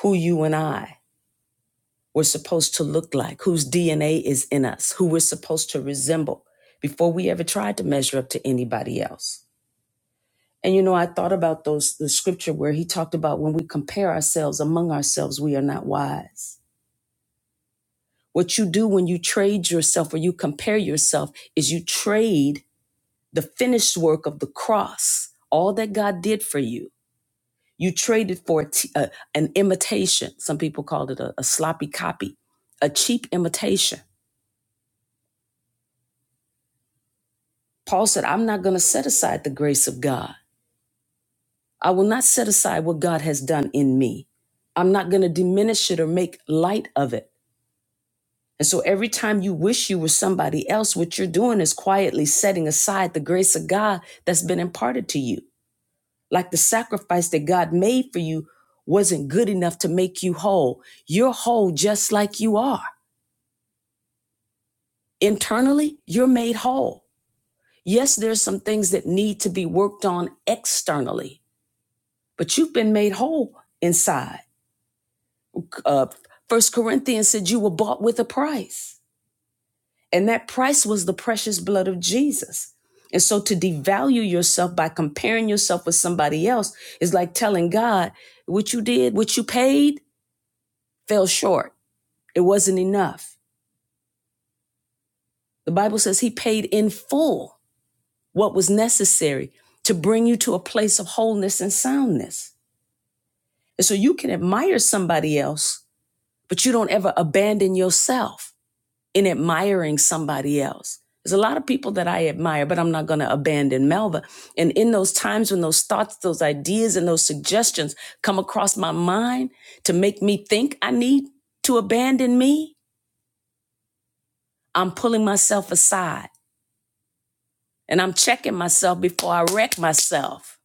Speaker 1: who you and I were supposed to look like, whose DNA is in us, who we're supposed to resemble before we ever tried to measure up to anybody else. And you know, I thought about those the scripture where he talked about when we compare ourselves among ourselves, we are not wise. What you do when you trade yourself or you compare yourself is you trade the finished work of the cross, all that God did for you. You traded for a t- a- an imitation. Some people called it a, a sloppy copy, a cheap imitation. Paul said, I'm not going to set aside the grace of God. I will not set aside what God has done in me. I'm not going to diminish it or make light of it. And so every time you wish you were somebody else, what you're doing is quietly setting aside the grace of God that's been imparted to you. Like the sacrifice that God made for you wasn't good enough to make you whole. You're whole just like you are. Internally, you're made whole. Yes, there's some things that need to be worked on externally, but you've been made whole inside. Uh, First Corinthians said you were bought with a price, and that price was the precious blood of Jesus. And so to devalue yourself by comparing yourself with somebody else is like telling God, what you did, what you paid, fell short. It wasn't enough. The Bible says he paid in full what was necessary to bring you to a place of wholeness and soundness. And so you can admire somebody else, but you don't ever abandon yourself in admiring somebody else. There's a lot of people that I admire, but I'm not going to abandon Melva. And in those times when those thoughts, those ideas, and those suggestions come across my mind to make me think I need to abandon me, I'm pulling myself aside And I'm checking myself before I wreck myself.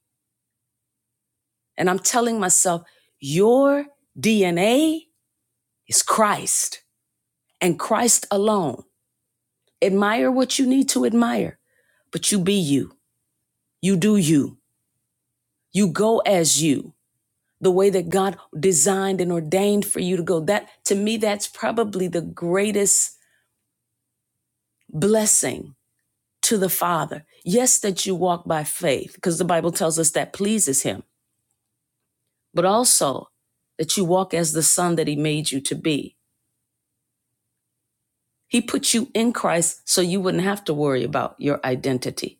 Speaker 1: And I'm telling myself, your DNA is Christ and Christ alone. Admire what you need to admire, but you be you. You do you. You go as you, the way that God designed and ordained for you to go. That, to me, that's probably the greatest blessing to the Father. Yes, that you walk by faith, because the Bible tells us that pleases Him but also that you walk as the son that he made you to be. He put you in Christ so you wouldn't have to worry about your identity.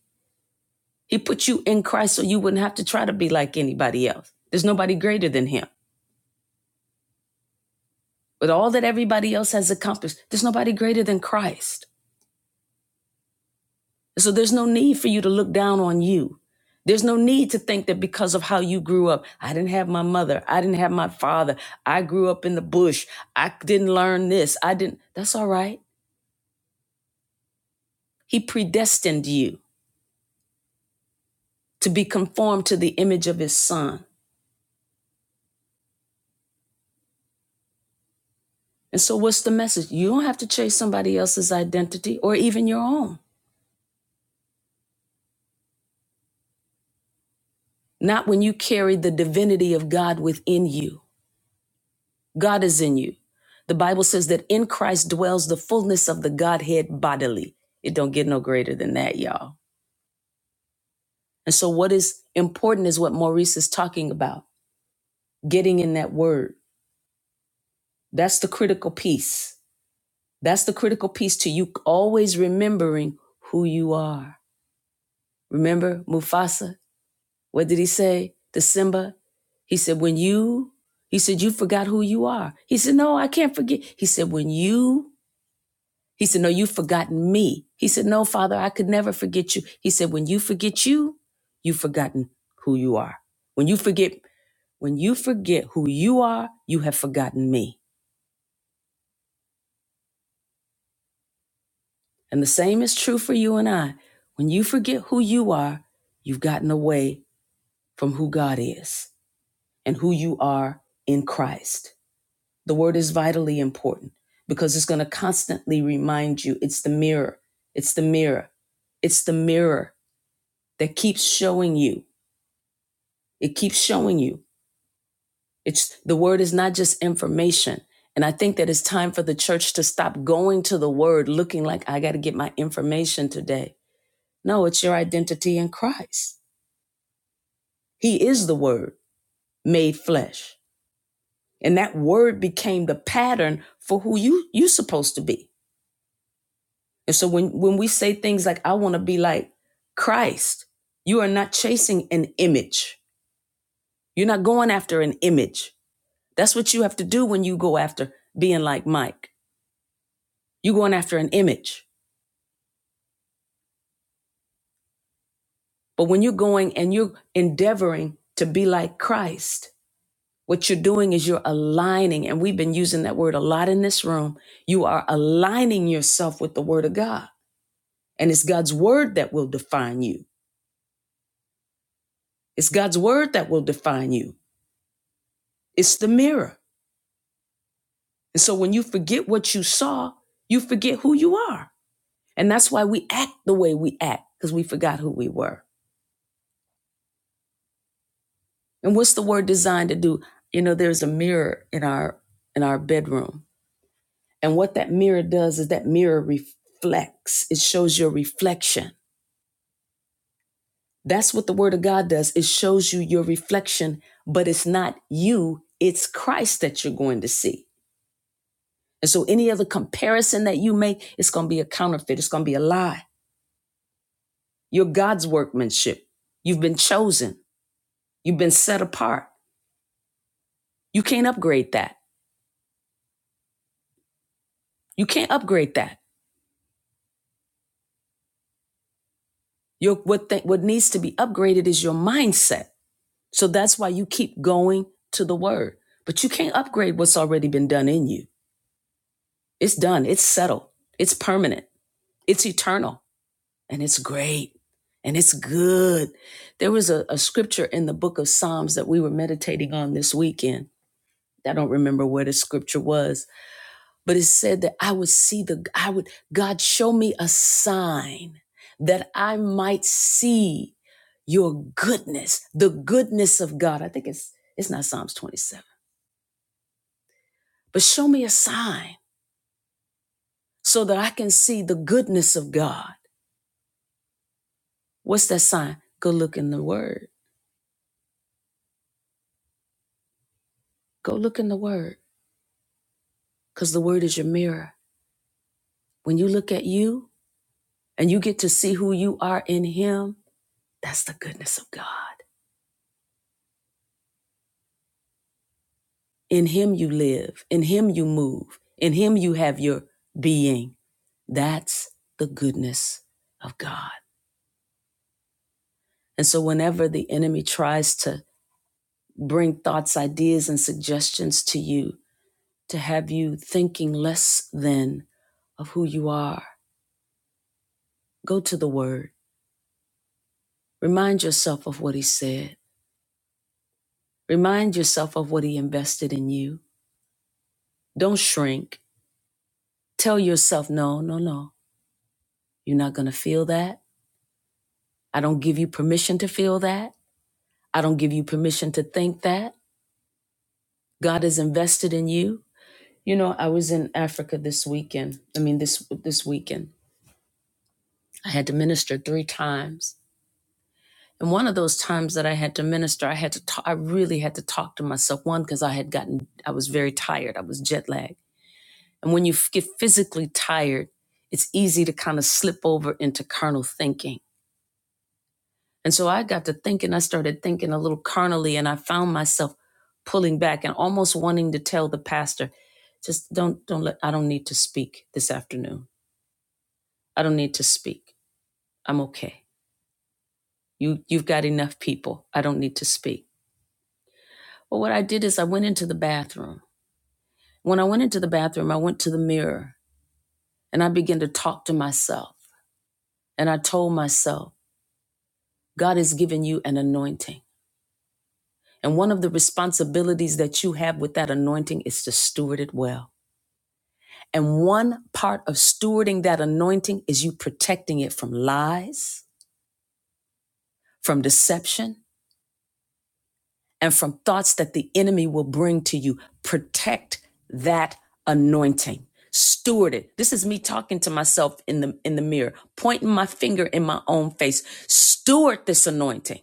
Speaker 1: He put you in Christ so you wouldn't have to try to be like anybody else. There's nobody greater than him. With all that everybody else has accomplished, there's nobody greater than Christ. So there's no need for you to look down on you. There's no need to think that because of how you grew up, I didn't have my mother, I didn't have my father, I grew up in the bush, I didn't learn this, I didn't. That's all right. He predestined you to be conformed to the image of his son. And so, what's the message? You don't have to chase somebody else's identity or even your own. Not when you carry the divinity of God within you. God is in you. The Bible says that in Christ dwells the fullness of the Godhead bodily. It don't get no greater than that, y'all. And so, what is important is what Maurice is talking about getting in that word. That's the critical piece. That's the critical piece to you always remembering who you are. Remember Mufasa? What did he say to Simba? He said, When you, he said, You forgot who you are. He said, No, I can't forget. He said, When you, he said, No, you've forgotten me. He said, No, Father, I could never forget you. He said, When you forget you, you've forgotten who you are. When you forget, when you forget who you are, you have forgotten me. And the same is true for you and I. When you forget who you are, you've gotten away from who God is and who you are in Christ. The word is vitally important because it's going to constantly remind you it's the mirror. It's the mirror. It's the mirror that keeps showing you. It keeps showing you. It's the word is not just information. And I think that it's time for the church to stop going to the word looking like I got to get my information today. No, it's your identity in Christ. He is the word made flesh. And that word became the pattern for who you you are supposed to be. And so when when we say things like I want to be like Christ, you are not chasing an image. You're not going after an image. That's what you have to do when you go after being like Mike. You're going after an image. But when you're going and you're endeavoring to be like Christ, What you're doing is you're aligning, and we've been using that word a lot in this room. You are aligning yourself with the word of God. And it's God's word that will define you. It's God's word that will define you. It's the mirror. And so when you forget what you saw, you forget who you are. And that's why we act the way we act, because we forgot who we were. And what's the word designed to do? You know, there's a mirror in our in our bedroom. And what that mirror does is that mirror reflects. It shows your reflection That's what the word of God does. It shows you your reflection, but it's not you, it's Christ that you're going to see. And so any other comparison that you make, it's going to be a counterfeit, it's going to be a lie. You're God's workmanship. You've been chosen, you've been set apart. You can't upgrade that. You can't upgrade that. Your, what, th- what needs to be upgraded is your mindset. So that's why you keep going to the word. But you can't upgrade what's already been done in you. It's done, it's settled, it's permanent, it's eternal. and it's great and it's good. There was a, a scripture in the book of Psalms that we were meditating on this weekend. I don't remember where the scripture was, but it said that I would see the, I would, God, show me a sign that I might see your goodness, the goodness of God. I think it's, it's not Psalms 27, but show me a sign so that I can see the goodness of God. What's that sign? Go look in the word. Go look in the word because the word is your mirror. When you look at you and you get to see who you are in Him, that's the goodness of God. In Him you live, in Him you move, in Him you have your being. That's the goodness of God. And so, whenever the enemy tries to bring thoughts, ideas, and suggestions to you to have you thinking less than of who you are, go to the Word. Remind yourself of what He said Remind yourself of what He invested in you. Don't shrink. Tell yourself, no, no, no. You're not going to feel that. I don't give you permission to feel that. I don't give you permission to think that. God is invested in you. You know, I was in Africa this weekend. I mean, this this weekend, I had to minister three times. And one of those times that I had to minister, I had to talk, I really had to talk to myself. One, because I had gotten, I was very tired. I was jet lagged. And when you get physically tired, it's easy to kind of slip over into carnal thinking. And so I got to thinking, I started thinking a little carnally, and I found myself pulling back and almost wanting to tell the pastor, just don't, don't let, I don't need to speak this afternoon. I don't need to speak. I'm okay. You, you've got enough people. I don't need to speak. But what I did is I went into the bathroom. When I went into the bathroom, I went to the mirror and I began to talk to myself. And I told myself, God has given you an anointing. And one of the responsibilities that you have with that anointing is to steward it well. And one part of stewarding that anointing is you protecting it from lies, from deception, and from thoughts that the enemy will bring to you. Protect that anointing. Steward it. This is me talking to myself in the in the mirror, pointing my finger in my own face. Steward this anointing.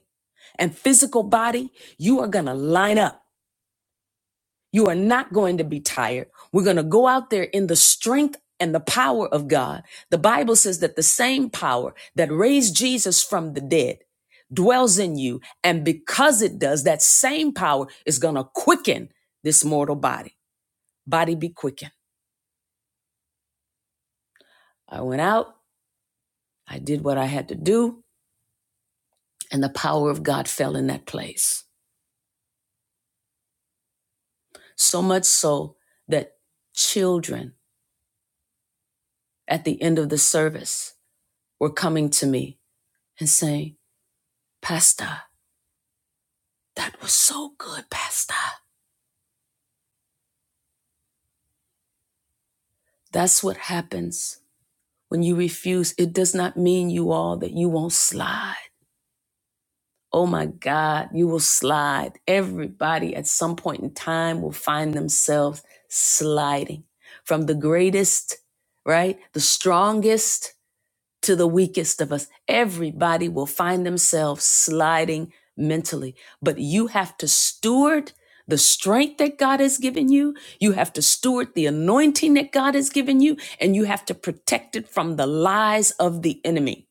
Speaker 1: And physical body, you are going to line up You are not going to be tired. We're going to go out there in the strength and the power of God. The Bible says that the same power that raised Jesus from the dead dwells in you. And because it does, that same power is going to quicken this mortal body. Body be quickened. I went out, I did what I had to do, and the power of God fell in that place. So much so that children at the end of the service were coming to me and saying, Pastor, That was so good, Pastor. That's what happens when you refuse. It does not mean you all that you won't slide. Oh my God, you will slide. Everybody at some point in time will find themselves sliding from the greatest, right? The strongest to the weakest of us. Everybody will find themselves sliding mentally, but you have to steward the strength that God has given you. You have to steward the anointing that God has given you, and you have to protect it from the lies of the enemy.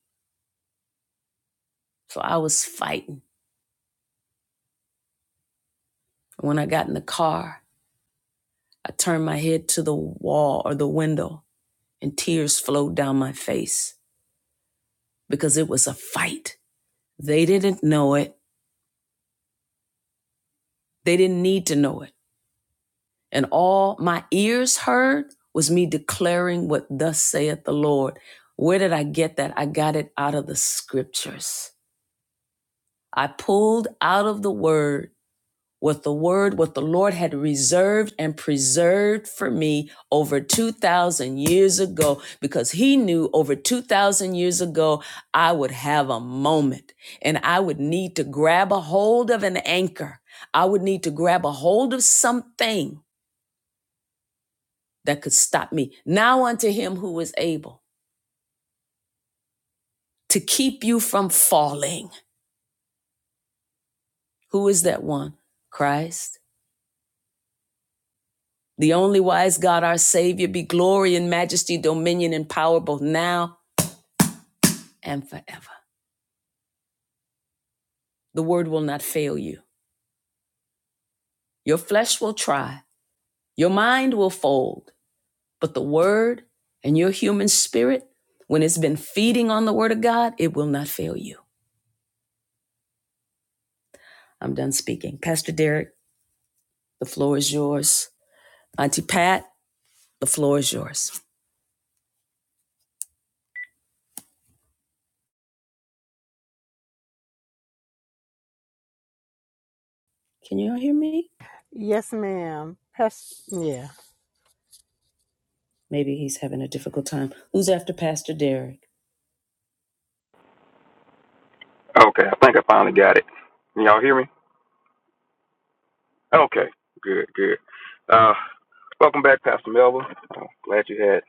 Speaker 1: So I was fighting. When I got in the car, I turned my head to the wall or the window, and tears flowed down my face because it was a fight. They didn't know it. They didn't need to know it And all my ears heard was me declaring what thus saith the Lord. Where did I get that? I got it out of the scriptures. I pulled out of the word what the word, what the Lord had reserved and preserved for me over 2,000 years ago, because He knew over 2,000 years ago I would have a moment and I would need to grab a hold of an anchor. I would need to grab a hold of something that could stop me. Now unto him who is able to keep you from falling. Who is that one? Christ. The only wise God, our Savior, be glory and majesty, dominion and power both now and forever. The word will not fail you. Your flesh will try, your mind will fold, but the word and your human spirit, when it's been feeding on the word of God, it will not fail you. I'm done speaking. Pastor Derek, the floor is yours. Auntie Pat, the floor is yours. Can y'all hear me?
Speaker 3: Yes, ma'am. Pers- yeah.
Speaker 1: Maybe he's having a difficult time. Who's after Pastor Derek?
Speaker 4: Okay, I think I finally got it. Can y'all hear me? Okay, good, good. Uh, welcome back, Pastor Melba. Uh, glad you had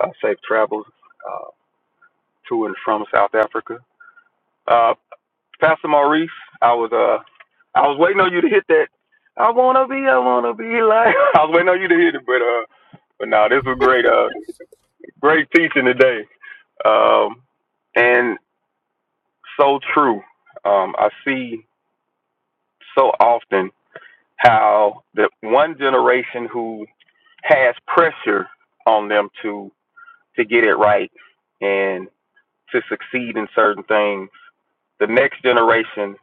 Speaker 4: uh, safe travels uh, to and from South Africa. Uh, Pastor Maurice, I was uh, I was waiting on you to hit that. I wanna be, I wanna be like. I was waiting on you to hit it, but uh, but no, this was great. Uh, great teaching today. Um, and so true. Um, I see so often how the one generation who has pressure on them to to get it right and to succeed in certain things the next generation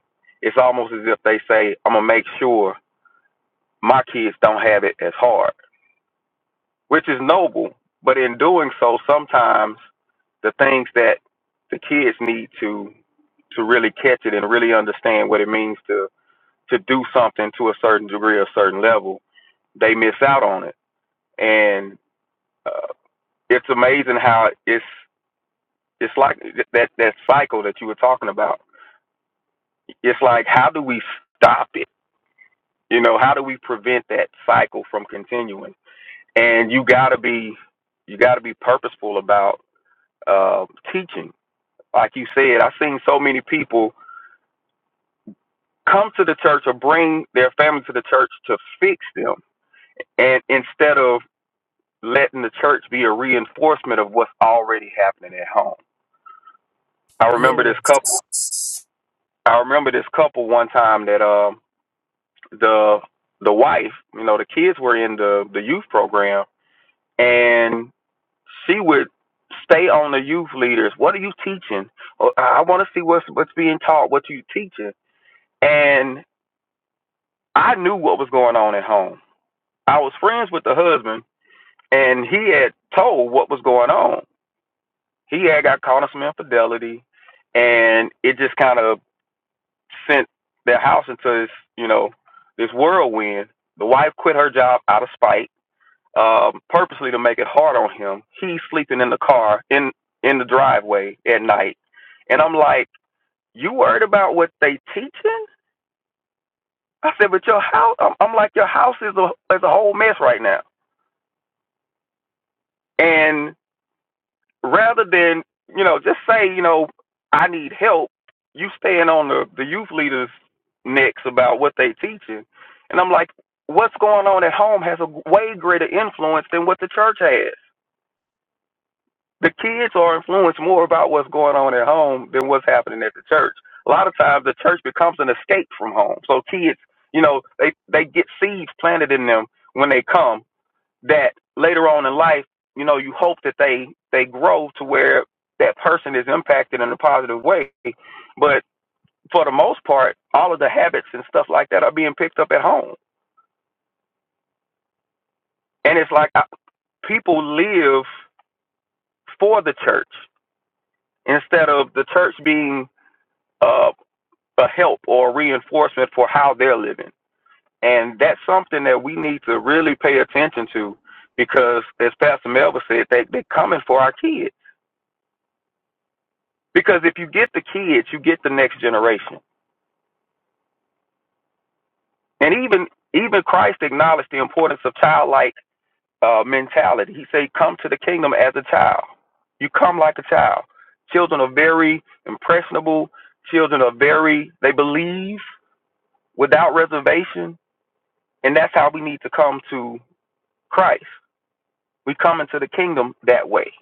Speaker 4: it's almost as if they say i'm going to make sure my kids don't have it as hard which is noble but in doing so sometimes the things that the kids need to to really catch it and really understand what it means to to do something to a certain degree a certain level they miss out on it and uh, it's amazing how it's it's like that that cycle that you were talking about. It's like how do we stop it? You know, how do we prevent that cycle from continuing? And you got to be you got to be purposeful about uh, teaching. Like you said, I've seen so many people come to the church or bring their family to the church to fix them, and instead of letting the church be a reinforcement of what's already happening at home. I remember this couple
Speaker 1: Yes.
Speaker 4: I remember this couple one time that um the the wife, you know, the kids were in the the youth program, and she would stay on the youth leaders. What are you teaching? Oh, I want to see what's what's being taught. What you teaching? And I knew what was going on at home. I was friends with the husband, and he had told what was going on. He had got caught in some infidelity, and it just kind of sent their house into this, you know, this whirlwind. The wife quit her job out of spite, um, purposely to make it hard on him. He's sleeping in the car in in the driveway at night, and I'm like, you worried about what they teaching? I said, but your house, I'm, I'm like, your house is a is a whole mess right now, and rather than you know just say you know I need help, you staying on the the youth leaders' necks about what they teaching, and I'm like, what's going on at home has a way greater influence than what the church has. The kids are influenced more about what's going on at home than what's happening at the church. A lot of times, the church becomes an escape from home. So kids, you know, they they get seeds planted in them when they come that later on in life, you know, you hope that they they grow to where that person is impacted in a positive way. But for the most part, all of the habits and stuff like that are being picked up at home, and it's like I, people live for the church instead of the church being uh, a help or a reinforcement for how they're living. And that's something that we need to really pay attention to because, as Pastor Melba said, they, they're coming for our kids Because if you get the kids, you get the next generation. And even even Christ acknowledged the importance of childlike uh, mentality. He said, "Come to the kingdom as a child. You come like a child. Children are very impressionable. Children are very they believe without reservation, and that's how we need to come to Christ. We come into the kingdom that way.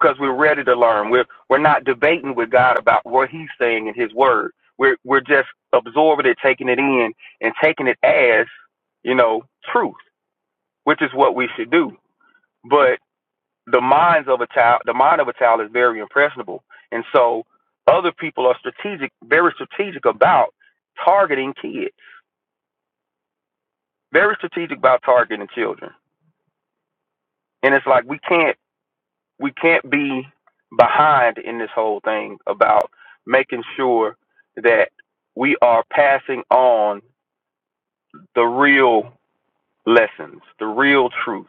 Speaker 4: because we're ready to learn. We're we're not debating with God about what He's saying in His Word. We're we're just absorbing it, taking it in, and taking it as you know truth, which is what we should do. But the minds of a child, the mind of a child is very impressionable, and so other people are strategic, very strategic about targeting kids, very strategic about targeting children. And it's like we can't we can't be behind in this whole thing about making sure that we are passing on the real lessons, the real truth,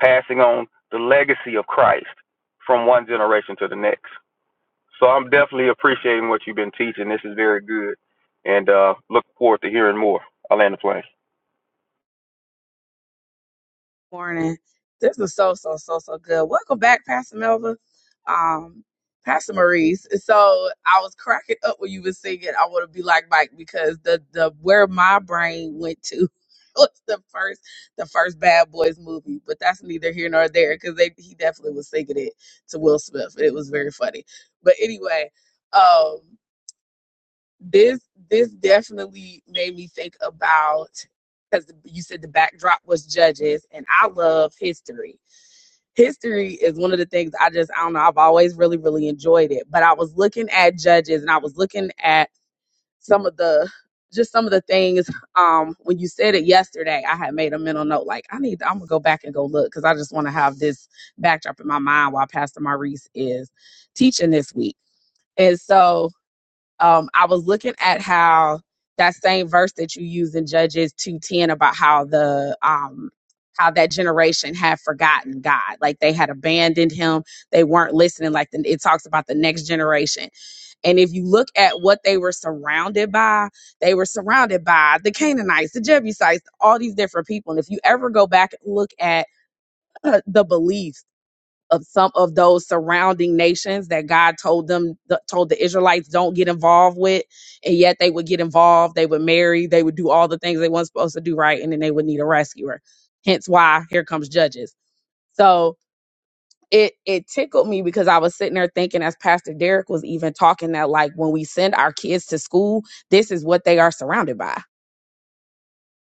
Speaker 4: passing on the legacy of Christ from one generation to the next. So I'm definitely appreciating what you've been teaching. This is very good, and uh, look forward to hearing more. I land the plane.
Speaker 5: morning. This was so so so so good. Welcome back, Pastor Melva, Um, Pastor Maurice. So I was cracking up when you were singing. I want to be like Mike because the the where my brain went to was the first the first Bad Boys movie. But that's neither here nor there because they he definitely was singing it to Will Smith. It was very funny. But anyway, um this this definitely made me think about because you said the backdrop was judges and i love history history is one of the things i just i don't know i've always really really enjoyed it but i was looking at judges and i was looking at some of the just some of the things um when you said it yesterday i had made a mental note like i need to, i'm gonna go back and go look because i just want to have this backdrop in my mind while pastor maurice is teaching this week and so um, I was looking at how that same verse that you use in Judges two ten about how the um, how that generation had forgotten God, like they had abandoned Him, they weren't listening. Like the, it talks about the next generation, and if you look at what they were surrounded by, they were surrounded by the Canaanites, the Jebusites, all these different people. And if you ever go back and look at uh, the beliefs of some of those surrounding nations that God told them th- told the Israelites don't get involved with and yet they would get involved they would marry they would do all the things they weren't supposed to do right and then they would need a rescuer hence why here comes judges so it it tickled me because I was sitting there thinking as Pastor Derek was even talking that like when we send our kids to school this is what they are surrounded by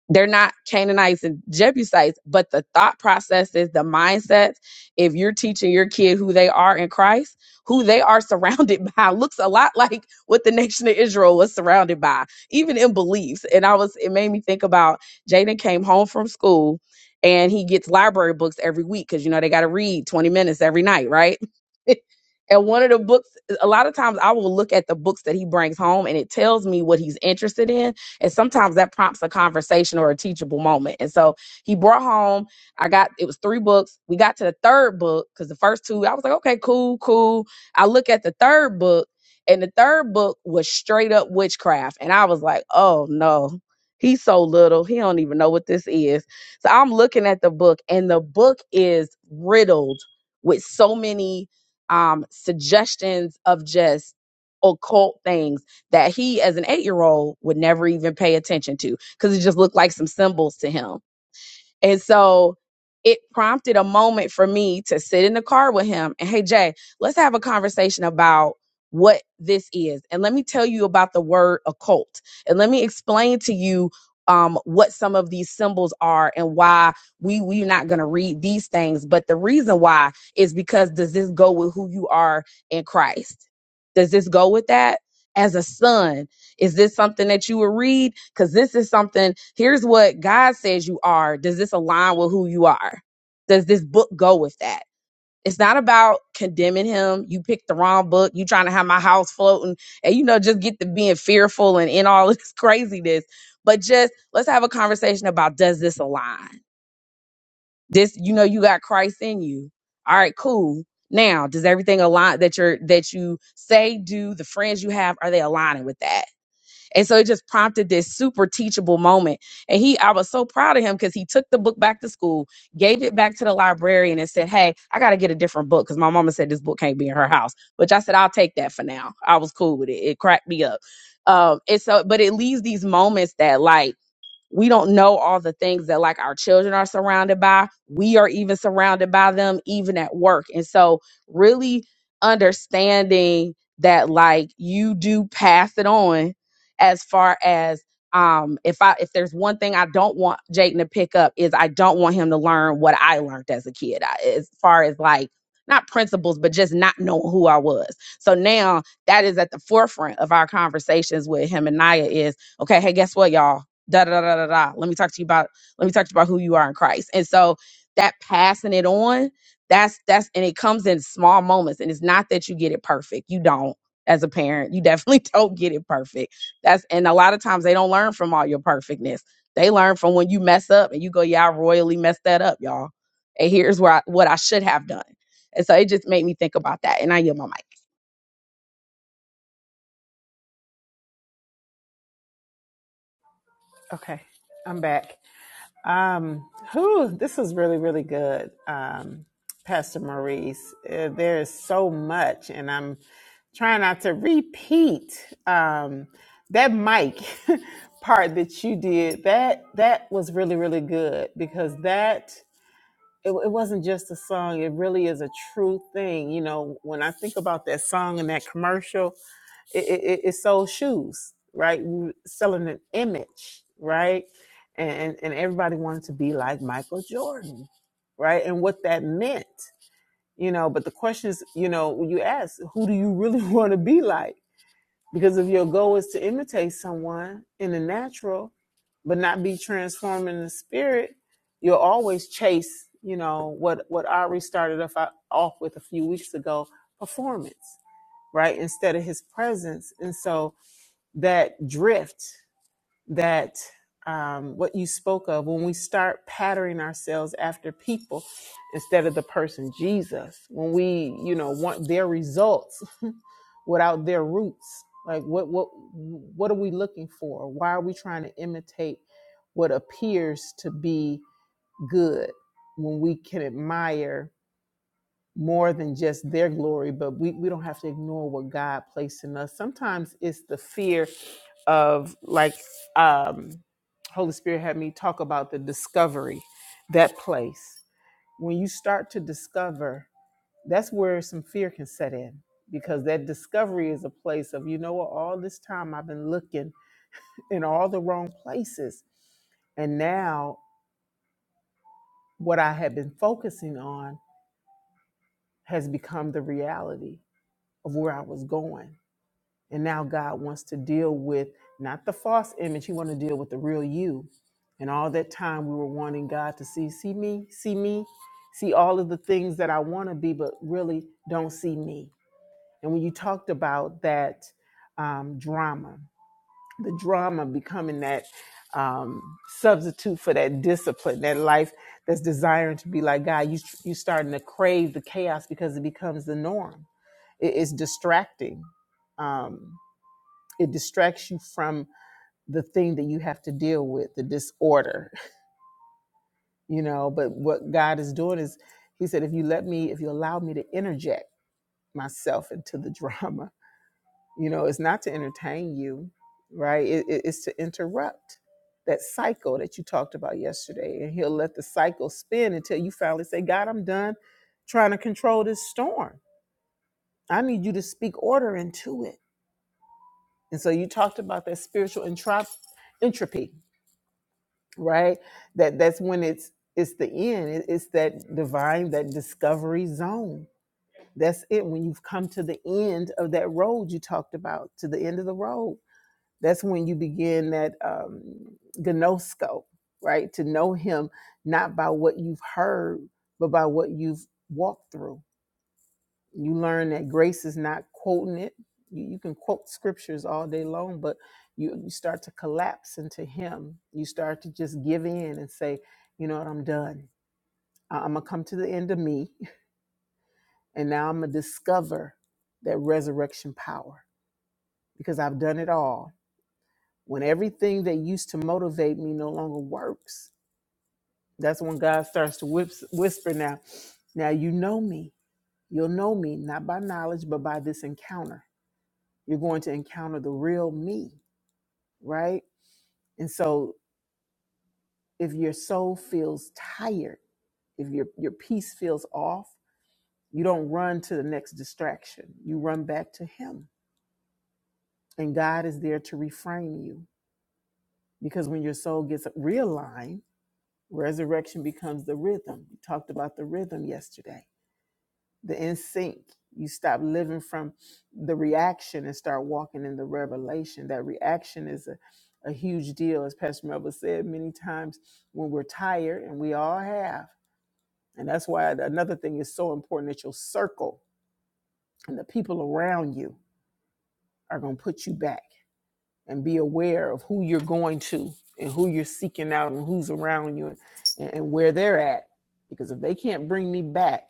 Speaker 5: they're not Canaanites and Jebusites, but the thought processes, the mindsets, if you're teaching your kid who they are in Christ, who they are surrounded by looks a lot like what the nation of Israel was surrounded by, even in beliefs. And I was, it made me think about Jaden came home from school and he gets library books every week because, you know, they got to read 20 minutes every night, right? and one of the books, a lot of times I will look at the books that he brings home and it tells me what he's interested in and sometimes that prompts a conversation or a teachable moment. And so he brought home, I got, it was three books. We got to the third book because the first two, I was like, okay, cool, cool. I look at the third book, and the third book was straight up witchcraft. And I was like, oh no. He's so little, he don't even know what this is. So I'm looking at the book, and the book is riddled with so many um, suggestions of just occult things that he as an eight year old would never even pay attention to because it just looked like some symbols to him. And so it prompted a moment for me to sit in the car with him and hey Jay, let's have a conversation about what this is. And let me tell you about the word occult. And let me explain to you um, what some of these symbols are and why we we're not going to read these things. But the reason why is because does this go with who you are in Christ? Does this go with that? As a son, is this something that you will read? Because this is something, here's what God says you are. Does this align with who you are? Does this book go with that? It's not about condemning him. You picked the wrong book. You trying to have my house floating and, you know, just get to being fearful and in all this craziness. But just let's have a conversation about does this align? This, you know, you got Christ in you. All right, cool. Now, does everything align that you're that you say do the friends you have are they aligning with that? And so it just prompted this super teachable moment. And he, I was so proud of him because he took the book back to school, gave it back to the librarian, and said, Hey, I got to get a different book because my mama said this book can't be in her house. Which I said, I'll take that for now. I was cool with it. It cracked me up. Um, and so, but it leaves these moments that, like, we don't know all the things that like our children are surrounded by we are even surrounded by them even at work and so really understanding that like you do pass it on as far as um if i if there's one thing i don't want jayden to pick up is i don't want him to learn what i learned as a kid I, as far as like not principles but just not knowing who i was so now that is at the forefront of our conversations with him and naya is okay hey guess what y'all da da da da da. Let me talk to you about let me talk to you about who you are in Christ. And so that passing it on, that's that's and it comes in small moments. And it's not that you get it perfect. You don't as a parent. You definitely don't get it perfect. That's and a lot of times they don't learn from all your perfectness. They learn from when you mess up and you go, Yeah, I royally messed that up, y'all. And here's where I, what I should have done. And so it just made me think about that. And I yield my mic.
Speaker 3: Okay. I'm back. Um, whew, this is really, really good, um, Pastor Maurice. Uh, there is so much, and I'm trying not to repeat um, that mic part that you did. That that was really, really good because that it, it wasn't just a song it really is a true thing you know when i think about that song and that commercial it, it, it it sold shoes right We were selling an image right and, and and everybody wanted to be like michael jordan right and what that meant you know but the question is you know when you ask who do you really want to be like because if your goal is to imitate someone in the natural, but not be transformed in the spirit, you'll always chase, you know, what what Ari started off, off with a few weeks ago, performance, right? Instead of his presence. And so that drift, that um, what you spoke of, when we start patterning ourselves after people instead of the person Jesus, when we, you know, want their results without their roots like what what what are we looking for why are we trying to imitate what appears to be good when we can admire more than just their glory but we, we don't have to ignore what god placed in us sometimes it's the fear of like um holy spirit had me talk about the discovery that place when you start to discover that's where some fear can set in because that discovery is a place of you know what all this time i've been looking in all the wrong places and now what i had been focusing on has become the reality of where i was going and now god wants to deal with not the false image he wants to deal with the real you and all that time we were wanting god to see see me see me see all of the things that i want to be but really don't see me And when you talked about that um, drama, the drama becoming that um, substitute for that discipline, that life that's desiring to be like God, you you starting to crave the chaos because it becomes the norm. It is distracting. Um, it distracts you from the thing that you have to deal with, the disorder, you know. But what God is doing is, He said, if you let me, if you allow me to interject myself into the drama you know it's not to entertain you right it, it- it's to interrupt that cycle that you talked about yesterday and he'll let the cycle spin until you finally say god i'm done trying to control this storm i need you to speak order into it and so you talked about that spiritual entrop- entropy right that that's when it's it's the end It- it's that divine that discovery zone that's it when you've come to the end of that road you talked about to the end of the road That's when you begin that um, gnosco, right? To know Him not by what you've heard, but by what you've walked through. You learn that grace is not quoting it. You, you can quote scriptures all day long, but you, you start to collapse into Him. You start to just give in and say, you know what, I'm done. I'm going to come to the end of me, and now I'm going to discover that resurrection power because I've done it all. when everything that used to motivate me no longer works that's when god starts to whips, whisper now now you know me you'll know me not by knowledge but by this encounter you're going to encounter the real me right and so if your soul feels tired if your your peace feels off you don't run to the next distraction you run back to him and god is there to reframe you because when your soul gets realigned Resurrection becomes the rhythm. We talked about the rhythm yesterday, the in sync. You stop living from the reaction and start walking in the revelation. That reaction is a, a huge deal, as Pastor Melville said many times when we're tired, and we all have. And that's why another thing is so important that your circle and the people around you are going to put you back. and be aware of who you're going to and who you're seeking out and who's around you and, and where they're at. Because if they can't bring me back,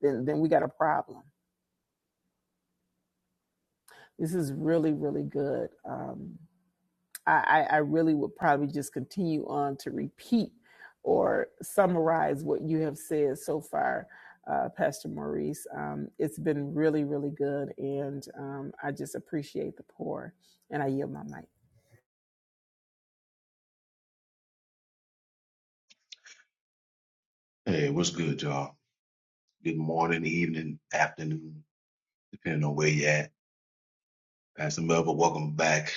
Speaker 3: then then we got a problem. This is really really good. Um, I, I I really would probably just continue on to repeat or summarize what you have said so far, uh, Pastor Maurice. Um, it's been really, really good, and um, I just appreciate the pour, and I yield my mic.
Speaker 6: Hey, what's good, y'all? Good morning, evening, afternoon, depending on where you at. Pastor Melva, welcome back.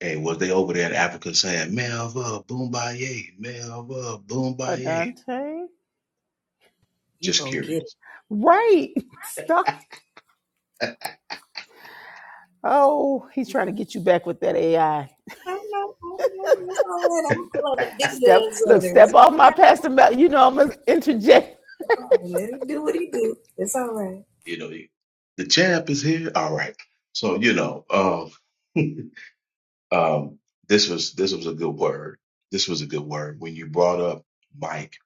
Speaker 6: Hey, was they over there in Africa saying Melva Boombaye, Melva Boombaye?
Speaker 3: Adante?
Speaker 6: Just curious.
Speaker 3: Right. Stop. Oh, he's trying to get you back with that AI.
Speaker 1: I don't know. I don't know. It's all right. I'm pulling the big
Speaker 3: Step
Speaker 1: guns over
Speaker 3: look,
Speaker 1: there.
Speaker 3: step
Speaker 1: It's
Speaker 3: off
Speaker 1: all
Speaker 3: my
Speaker 1: right.
Speaker 3: pastor. Mel. You know I'm gonna interject.
Speaker 1: right. Let him do what he do. It's all right.
Speaker 6: you know, the champ is here. All right. So you know, um, um, this was this was a good word. This was a good word when you brought up Mike.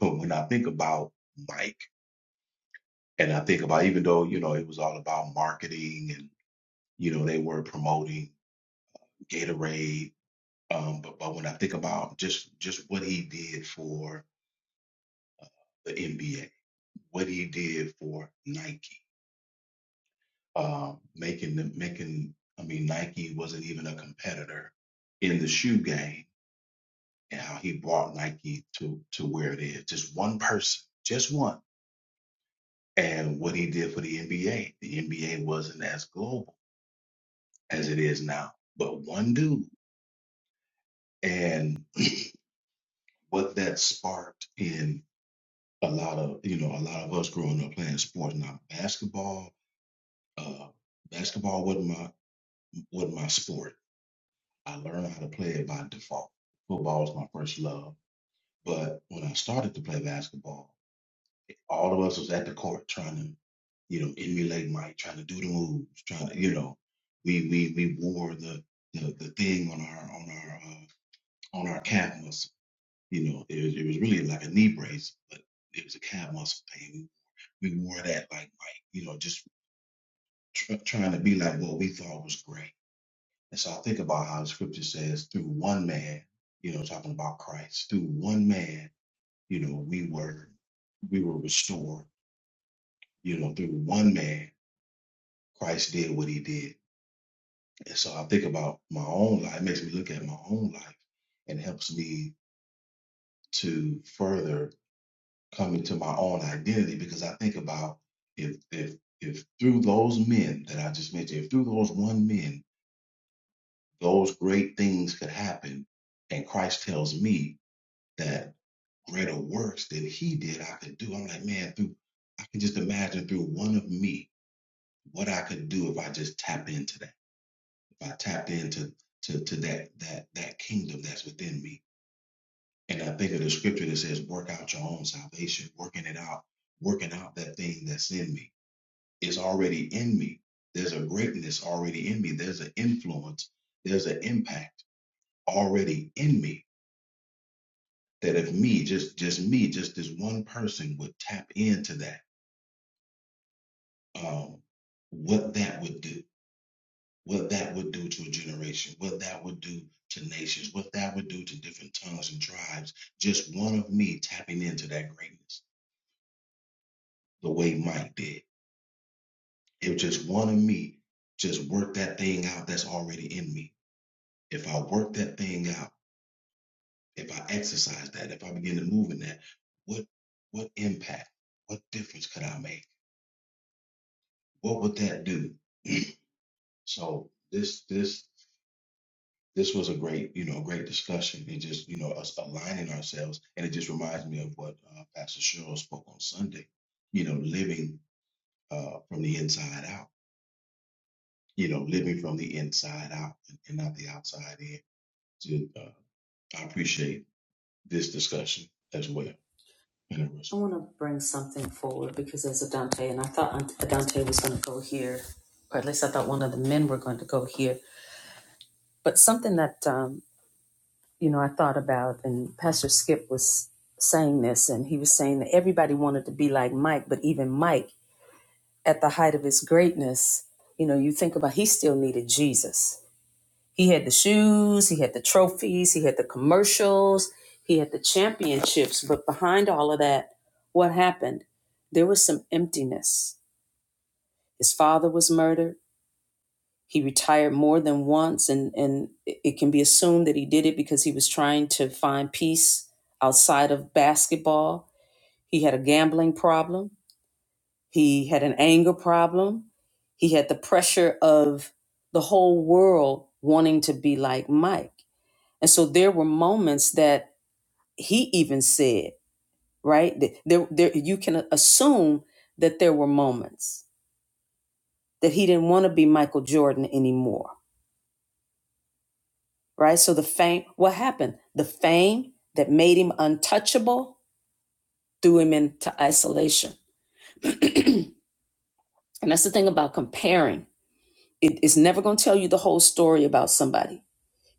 Speaker 6: When I think about Mike, and I think about even though you know it was all about marketing and you know they were promoting Gatorade. Um, but but when I think about just just what he did for the NBA, what he did for Nike, um, making them making I mean Nike wasn't even a competitor in the shoe game, and how he brought Nike to to where it is. Just one person, just one, and what he did for the NBA. The NBA wasn't as global as it is now, but one dude and what that sparked in a lot of you know a lot of us growing up playing sports now basketball uh basketball wasn't my wasn't my sport i learned how to play it by default football was my first love but when i started to play basketball all of us was at the court trying to you know emulate mike trying to do the moves trying to you know we we we wore the the, the thing on our on our uh, on our calf muscle you know it was, it was really like a knee brace but it was a calf muscle thing be more of that, like, like you know, just tr- trying to be like what we thought was great. And so I think about how the scripture says, through one man, you know, talking about Christ, through one man, you know, we were we were restored, you know, through one man, Christ did what he did. And so I think about my own life, it makes me look at my own life and helps me to further come into my own identity because I think about if if if through those men that I just mentioned, if through those one men those great things could happen. And Christ tells me that greater works than he did, I could do. I'm like, man, through I can just imagine through one of me what I could do if I just tapped into that. If I tapped into to, to that that that kingdom that's within me. And I think of the scripture that says, work out your own salvation, working it out, working out that thing that's in me. It's already in me. There's a greatness already in me. There's an influence. There's an impact already in me that if me just just me just this one person would tap into that um what that would do what that would do to a generation what that would do to nations what that would do to different tongues and tribes just one of me tapping into that greatness the way mike did if just one of me just work that thing out that's already in me if i work that thing out if i exercise that if i begin to move in that what what impact what difference could i make what would that do? So this this this was a great you know great discussion and just you know us aligning ourselves and it just reminds me of what uh, Pastor Cheryl spoke on Sunday. You know, living uh, from the inside out. You know, living from the inside out and, and not the outside in. To, uh, I appreciate this discussion as well.
Speaker 1: I
Speaker 6: Interesting.
Speaker 1: want to bring something forward because there's Adante, and I thought Ant- Dante was going to go here, or at least I thought one of the men were going to go here. But something that um, you know I thought about, and Pastor Skip was saying this, and he was saying that everybody wanted to be like Mike, but even Mike at the height of his greatness, you know, you think about he still needed Jesus. He had the shoes, he had the trophies, he had the commercials, he had the championships. But behind all of that, what happened? There was some emptiness. His father was murdered. He retired more than once, and, and it can be assumed that he did it because he was trying to find peace outside of basketball. He had a gambling problem He had an anger problem. He had the pressure of the whole world wanting to be like Mike. And so there were moments that he even said, right? that There, there, you can assume that there were moments that he didn't want to be Michael Jordan anymore, right? So the fame, what happened? The fame that made him untouchable threw him into isolation. and that's the thing about comparing. It, it's never going to tell you the whole story about somebody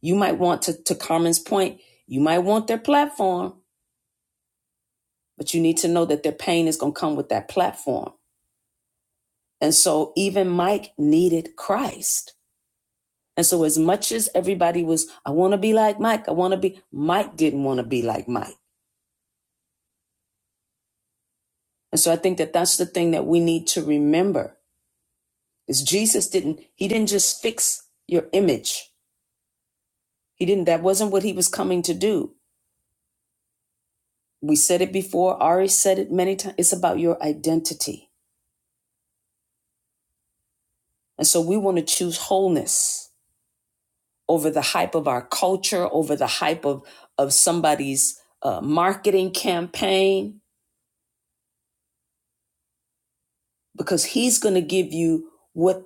Speaker 1: You might want to, to Carmen's point, you might want their platform, but you need to know that their pain is going to come with that platform. And so even Mike needed Christ. And so as much as everybody was, I want to be like Mike, I want to be, Mike didn't want to be like Mike. And so I think that that's the thing that we need to remember is Jesus didn't, he didn't just fix your image. He didn't, that wasn't what he was coming to do. We said it before, Ari said it many times. It's about your identity And so we want to choose wholeness over the hype of our culture, over the hype of, of somebody's uh, marketing campaign, because he's going to give you what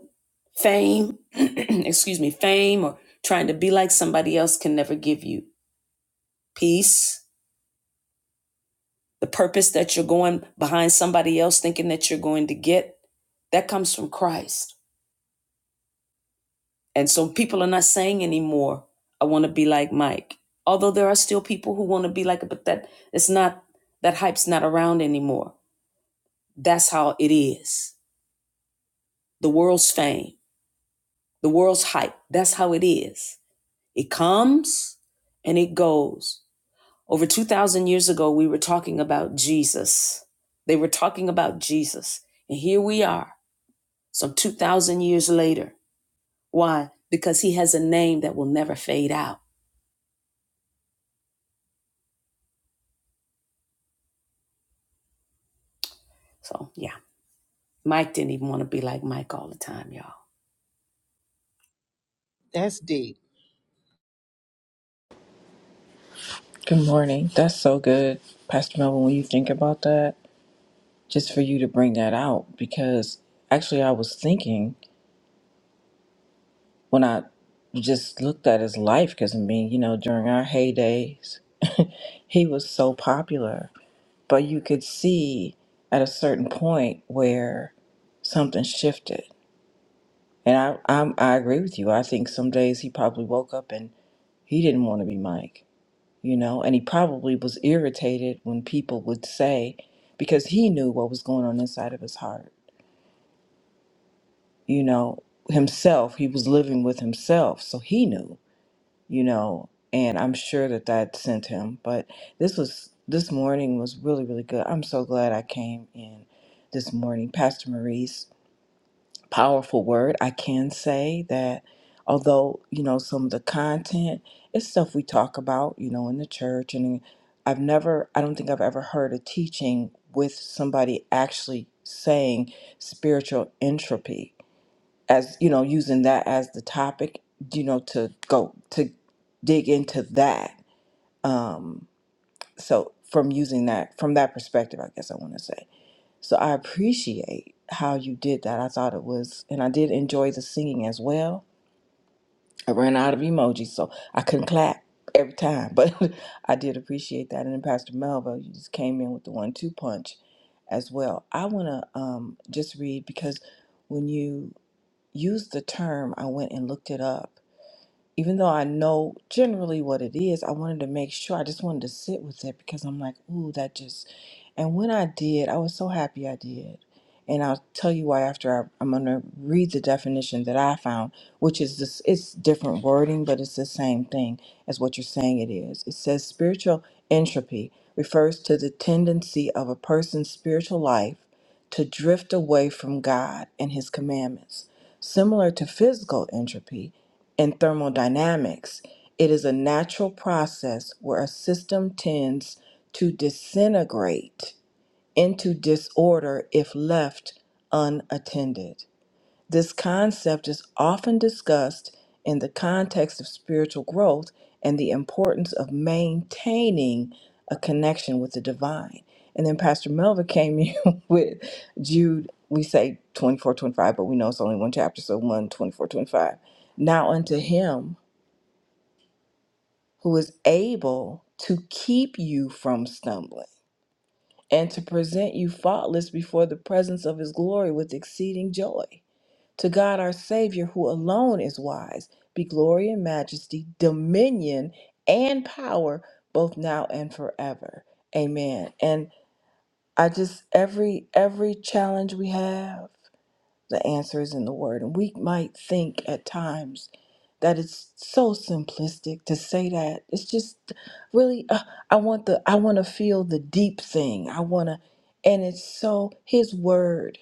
Speaker 1: fame, excuse me, fame or trying to be like somebody else can never give you peace. The purpose that you're going behind somebody else thinking that you're going to get, that comes from Christ. And so people are not saying anymore, I want to be like Mike. Although there are still people who want to be like it, but that it's not that hype's not around anymore. That's how it is. The world's fame, the world's hype, that's how it is. It comes and it goes. Over 2,000 years ago, we were talking about Jesus. They were talking about Jesus. And here we are, some 2,000 years later. Why? Because he has a name that will never fade out. So, yeah. Mike didn't even want to be like Mike all the time, y'all.
Speaker 3: That's deep.
Speaker 7: Good morning. That's so good, Pastor Melvin, when you think about that, just for you to bring that out, because actually I was thinking when I just looked at his life, because I mean, you know, during our heydays, he was so popular, but you could see at a certain point where something shifted. And I, I'm, I agree with you. I think some days he probably woke up and he didn't want to be Mike you know, and he probably was irritated when people would say, because he knew what was going on inside of his heart, you know, himself, he was living with himself, so he knew, you know, and I'm sure that that sent him. But this was, this morning was really, really good. I'm so glad I came in this morning. Pastor Maurice, powerful word. I can say that although, you know, some of the content is stuff we talk about, you know, in the church and I've never I don't think I've ever heard a teaching with somebody actually saying spiritual entropy as, you know, using that as the topic, you know, to go to dig into that. Um so from using that from that perspective, I guess I want to say. So I appreciate how you did that. I thought it was, and I did enjoy the singing as well. I ran out of emojis, so I couldn't clap every time, but I did appreciate that. And then Pastor Melva, you just came in with the one two punch as well. I want to um, just read because when you used the term, I went and looked it up even though I know generally what it is, I wanted to make sure. I just wanted to sit with it because I'm like, ooh, that just. And when I did, I was so happy I did. And I'll tell you why after I, I'm going to read the definition that I found, which is this, it's different wording, but it's the same thing as what you're saying it is. It says spiritual entropy refers to the tendency of a person's spiritual life to drift away from God and His commandments. Similar to physical entropy in thermodynamics, it is a natural process where a system tends to disintegrate into disorder if left unattended. This concept is often discussed in the context of spiritual growth and the importance of maintaining a connection with the divine. And then Pastor Melva came in with Jude, we say 24, 25, but we know it's only one chapter, so one 24, 25. Now unto him who is able to keep you from stumbling and to present you faultless before the presence of his glory with exceeding joy to God our Savior, who alone is wise, be glory and majesty, dominion and power, both now and forever. Amen. And I just every every challenge we have, the answer is in the word. And we might think at times that it's so simplistic to say that. It's just really uh, I want the I want to feel the deep thing. I want to and it's so his word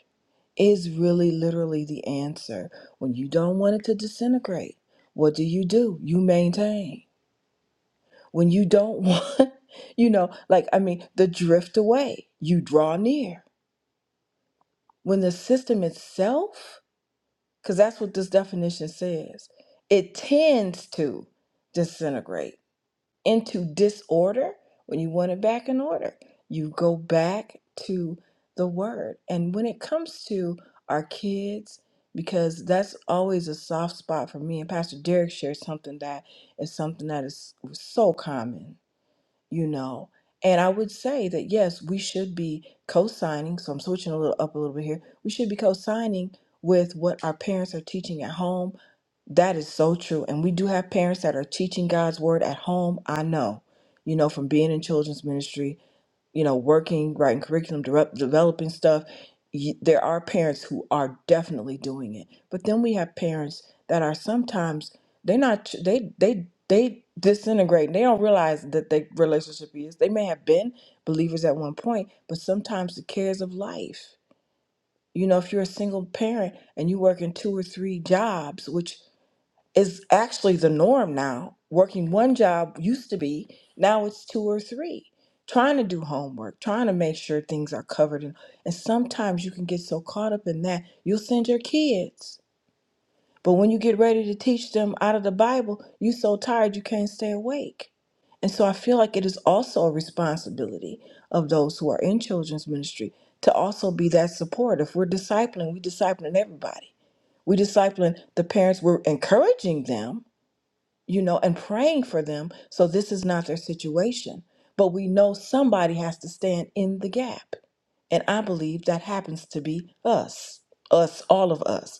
Speaker 7: is really literally the answer. When you don't want it to disintegrate, what do you do? You maintain. When you don't want, you know, like, I mean, the drift away, you draw near. When the system itself, because that's what this definition says, it tends to disintegrate into disorder, when you want it back in order, you go back to the word. And when it comes to our kids, because that's always a soft spot for me, and Pastor Derek shared something that is something that is so common you know. And I would say that yes, we should be co-signing. So I'm switching a little up a little bit here. We should be co-signing with what our parents are teaching at home. That is so true. And we do have parents that are teaching God's word at home. I know, you know, from being in children's ministry you know, working, writing curriculum, direct, developing stuff, y there are parents who are definitely doing it. But then we have parents that are sometimes they're not they they they disintegrate. They don't realize that their relationship is. They may have been believers at one point, but sometimes the cares of life. You know, if you're a single parent and you're working two or three jobs, which is actually the norm now. Working one job used to be, now it's two or three. Trying to do homework, trying to make sure things are covered. And, and sometimes you can get so caught up in that, you'll send your kids. But when you get ready to teach them out of the Bible, you so tired you can't stay awake. And so I feel like it is also a responsibility of those who are in children's ministry to also be that support. If we're discipling, we discipling everybody. We discipling the parents, we're encouraging them, you know, and praying for them. So this is not their situation. But we know somebody has to stand in the gap. And I believe that happens to be us, us, all of us.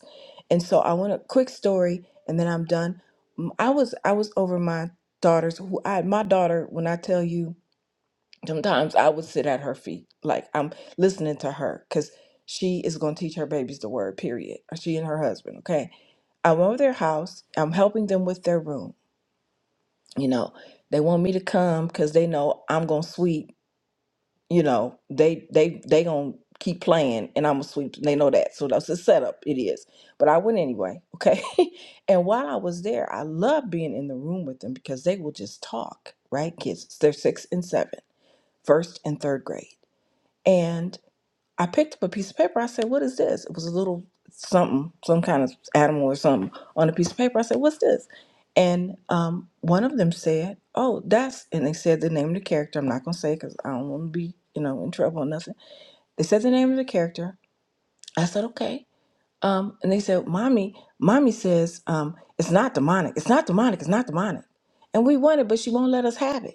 Speaker 7: And so I want a quick story and then I'm done. Mm, I was I was over my daughter's who I my daughter, when I tell you, sometimes I would sit at her feet. Like I'm listening to her because she is gonna teach her babies the word, period. She and her husband, okay? I'm over their house, I'm helping them with their room you know they want me to come because they know i'm gonna sweep you know they they they gonna keep playing and i'm gonna sweep they know that so that's the setup it is but i went anyway okay and while i was there i loved being in the room with them because they will just talk right kids they're six and seven first and third grade I picked up a piece of paper. I said, What is this? It was a little something, some kind of animal or something on a piece of paper. I said, What's this? And um, one of them said, Oh, that's, and they said the name of the character. I'm not going to say because I don't want to be, you know, in trouble or nothing. They said the name of the character. I said, Okay. Um, and they said, Mommy, Mommy says, um, It's not demonic. It's not demonic. It's not demonic. And we want it, but she won't let us have it.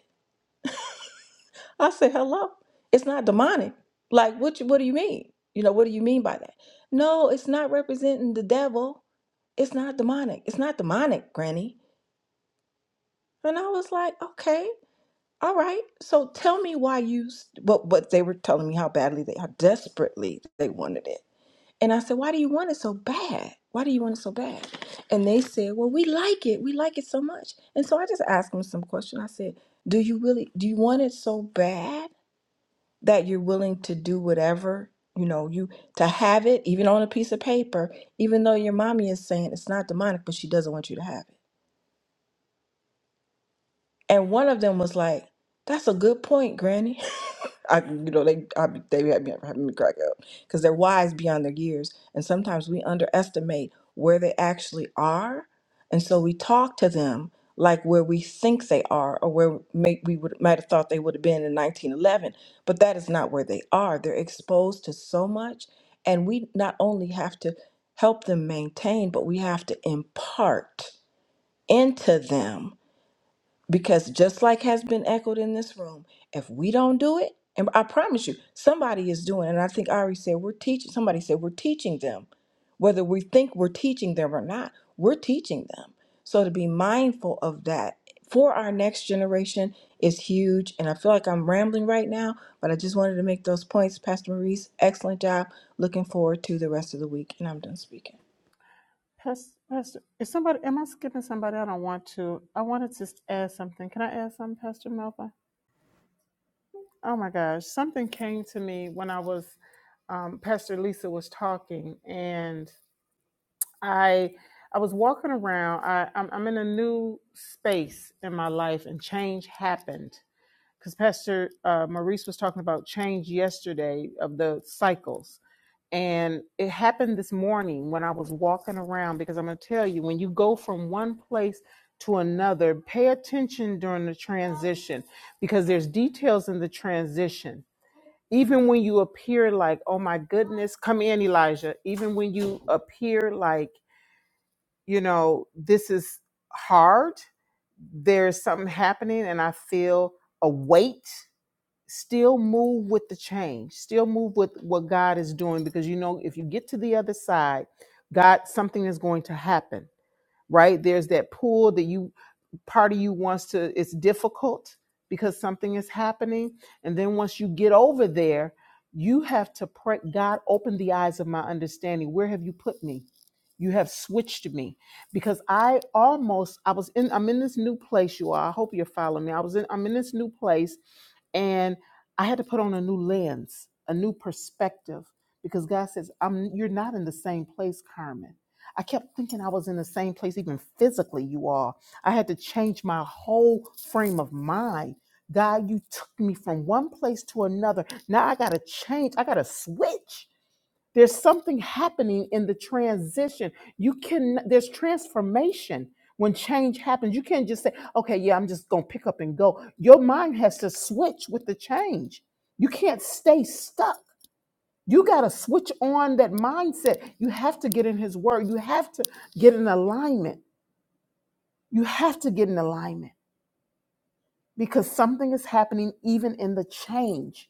Speaker 7: I said, "Hello, it's not demonic. Like, what? You, what do you mean? You know, what do you mean by that? No, it's not representing the devil. It's not demonic. It's not demonic, Granny." And I was like, "Okay, all right. So tell me why you s- what? What they were telling me how badly they, how desperately they wanted it." And I said, "Why do you want it so bad? Why do you want it so bad?" And they said, "Well, we like it. We like it so much." And so I just asked them some question. I said, "Do you really? Do you want it so bad?" that you're willing to do whatever you know you to have it even on a piece of paper even though your mommy is saying it's not demonic but she doesn't want you to have it and one of them was like that's a good point granny I, you know, they I, they had me having me crack up because they're wise beyond their years, and sometimes we underestimate where they actually are, and so we talk to them like where we think they are or where may, we would might have thought they would have been in 1911, but that is not where they are. They're exposed to so much, and we not only have to help them maintain, but we have to impart into them because just like has been echoed in this room, if we don't do it, and I promise you, somebody is doing, it, and I think Ari said we're teaching somebody said we're teaching them. Whether we think we're teaching them or not, we're teaching them. So to be mindful of that for our next generation is huge. And I feel like I'm rambling right now, but I just wanted to make those points. Pastor Maurice, excellent job. Looking forward to the rest of the week. And I'm done speaking.
Speaker 3: Pastor, Pastor, is somebody? Am I skipping somebody? I don't want to. I wanted to add something. Can I add something, Pastor Melba? Oh my gosh, something came to me when I was um, Pastor Lisa was talking, and I I was walking around. I, I'm, I'm in a new space in my life, and change happened because Pastor uh, Maurice was talking about change yesterday of the cycles, and it happened this morning when I was walking around. Because I'm going to tell you, when you go from one place to another, pay attention during the transition because there's details in the transition. Even when you appear like, oh my goodness, come in, Elijah. Even when you appear like you know, this is hard. There's something happening, and I feel a weight. Still move with the change, still move with what God is doing, because you know, if you get to the other side, God, something is going to happen, right? There's that pull that you, part of you wants to, it's difficult because something is happening. And then once you get over there, you have to pray, God, open the eyes of my understanding. Where have you put me? you have switched me because i almost i was in i'm in this new place you are i hope you're following me i was in i'm in this new place and i had to put on a new lens a new perspective because god says i'm you're not in the same place carmen i kept thinking i was in the same place even physically you all, i had to change my whole frame of mind god you took me from one place to another now i gotta change i gotta switch there's something happening in the transition. You can there's transformation when change happens. You can't just say, "Okay, yeah, I'm just going to pick up and go." Your mind has to switch with the change. You can't stay stuck. You got to switch on that mindset. You have to get in his word. You have to get in alignment. You have to get in alignment because something is happening even in the change.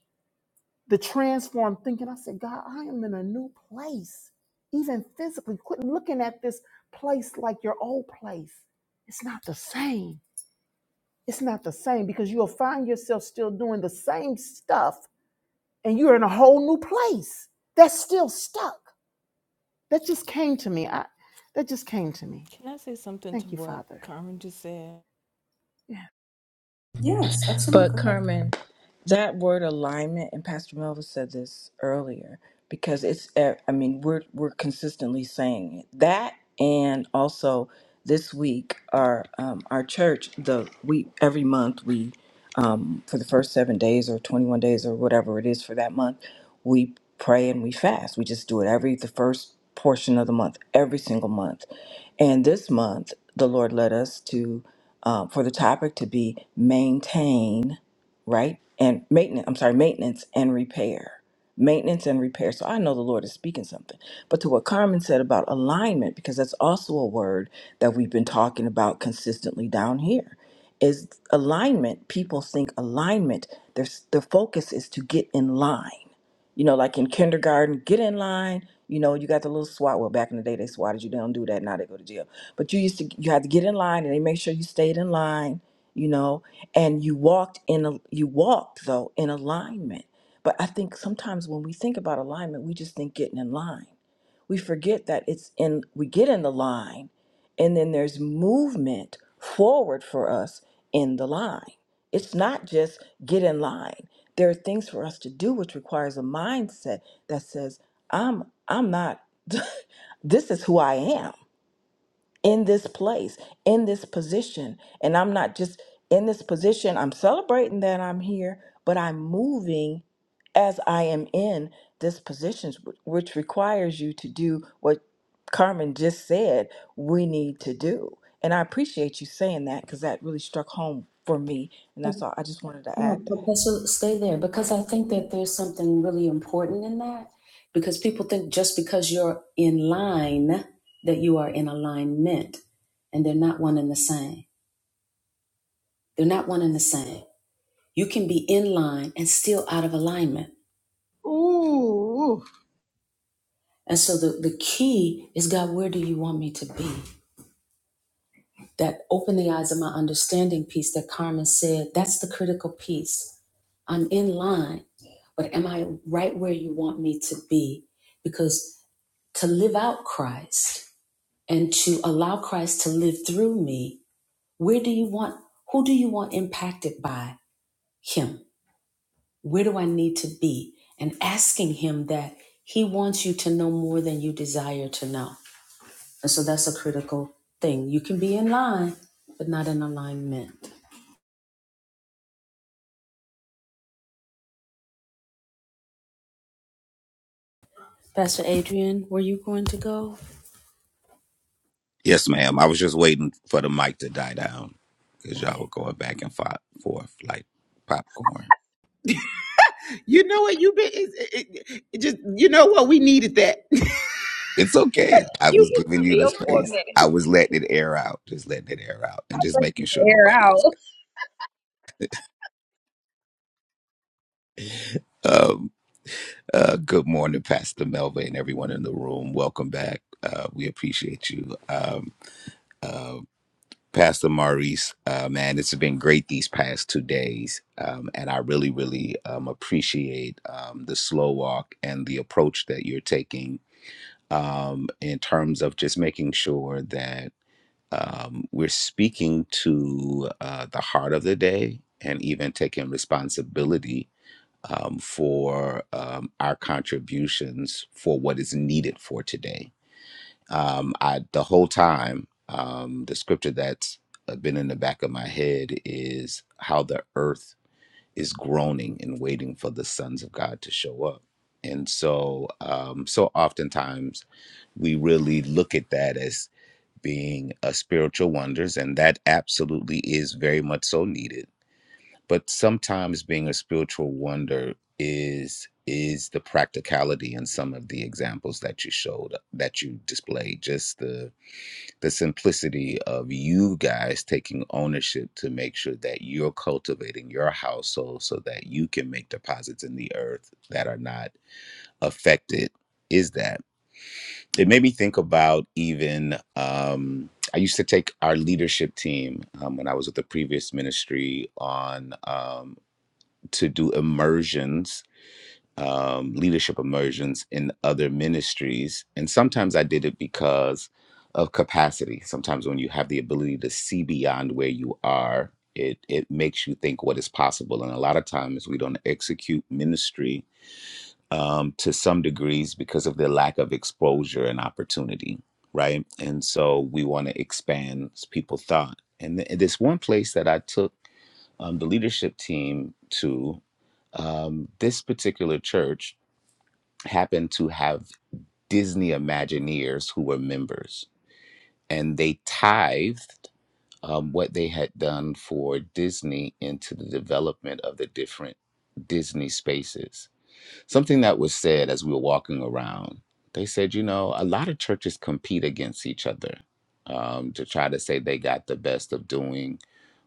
Speaker 3: the transformed thinking. I said, God, I am in a new place, even physically. Quit looking at this place like your old place. It's not the same. It's not the same because you'll find yourself still doing the same stuff and you're in a whole new place that's still stuck. That just came to me. I, that just came to me.
Speaker 7: Can I say something to
Speaker 3: Thank you,
Speaker 7: what
Speaker 3: Father.
Speaker 7: Carmen just said?
Speaker 3: Yeah.
Speaker 1: Yes, absolutely.
Speaker 7: But
Speaker 1: Go ahead.
Speaker 7: Carmen, That word alignment, and Pastor Melva said this earlier, because it's, uh, I mean, we're, we're consistently saying it. That and also this week, our, um, our church, the, we, every month we, um, for the first seven days or 21 days or whatever it is for that month, we pray and we fast. We just do it every, the first portion of the month, every single month. And this month, the Lord led us to, um, for the topic to be maintain right? And maintenance, I'm sorry, maintenance and repair. Maintenance and repair. So I know the Lord is speaking something. But to what Carmen said about alignment, because that's also a word that we've been talking about consistently down here, is alignment. People think alignment, their, their focus is to get in line you know, like in kindergarten, get in line. You know, you got the little SWAT. Well, back in the day, they swatted you. They don't do that now. They go to jail. But you used to, you had to get in line, and they make sure you stayed in line. You know, and you walked in a, you walked though in alignment. But I think sometimes when we think about alignment, we just think getting in line we forget that it's in we get in the line and then there's movement forward for us in the line it's not just get in line there are things for us to do which requires a mindset that says i'm i'm not this is who i am in this place, in this position. And I'm not just in this position, I'm celebrating that I'm here, but I'm moving as I am in this position, wh- which requires you to do what Carmen just said we need to do. And I appreciate you saying that because that really struck home for me. And that's all I just wanted to
Speaker 1: No,
Speaker 7: add that.
Speaker 1: Professor, stay there because I think that there's something really important in that. Because people think just because you're in line that you are in alignment, and they're not one and the same. They're not one and the same. You can be in line and still out of alignment.
Speaker 3: Ooh,
Speaker 1: And so the, the key is God, where do you want me to be? That open the eyes of my understanding piece that Carmen said, that's the critical piece. I'm in line, but am I right where you want me to be? Because to live out Christ and to allow Christ to live through me, where do you want, who do you want impacted by him? Where do I need to be? And asking him that he wants you to know more than you desire to know And so that's a critical thing. You can be in line, but not in alignment. Pastor Adrian, were you going to go?
Speaker 8: Yes, ma'am. I was just waiting for the mic to die down because y'all
Speaker 1: Okay.
Speaker 8: were going back and fo- forth like popcorn.
Speaker 3: you know what? You been it's- it just you know what? We needed that.
Speaker 8: It's okay. I was giving you the space. I was letting it air out, just letting it air out, and just making sure
Speaker 5: Air
Speaker 8: nobody
Speaker 5: out.
Speaker 8: else. Um, uh, good morning, Pastor Melva, and everyone in the room. Welcome back. Uh, we appreciate you. Um, um, Pastor Maurice. Uh, man, it's been great these past two days. Um, and I really, really um, appreciate um, the slow walk and the approach that you're taking um, in terms of just making sure that um, we're speaking to uh, the heart of the day and even taking responsibility um, for um, our contributions for what is needed for today um, I the whole time um, the scripture that's uh, been in the back of my head is how the earth is groaning and waiting for the sons of God to show up. And so, um, so oftentimes we really look at that as being a spiritual wonders, and that absolutely is very much so needed. But sometimes being a spiritual wonder is is the practicality in some of the examples that you showed that you displayed, just the the simplicity of you guys taking ownership to make sure that you're cultivating your household so that you can make deposits in the earth that are not affected is that it made me think about even um, i used to take our leadership team um, when i was with the previous ministry on um, to do immersions um, leadership immersions in other ministries. And sometimes I did it because of capacity. Sometimes when you have the ability to see beyond where you are, it, it makes you think what is possible. And a lot of times we don't execute ministry um, to some degrees because of the lack of exposure and opportunity, right? And so we want to expand people's thought. And th- this one place that I took um, the leadership team to, um, this particular church happened to have Disney Imagineers who were members, and they tithed um, what they had done for Disney into the development of the different Disney spaces. Something that was said as we were walking around, they said, you know, a lot of churches compete against each other um, to try to say they got the best of doing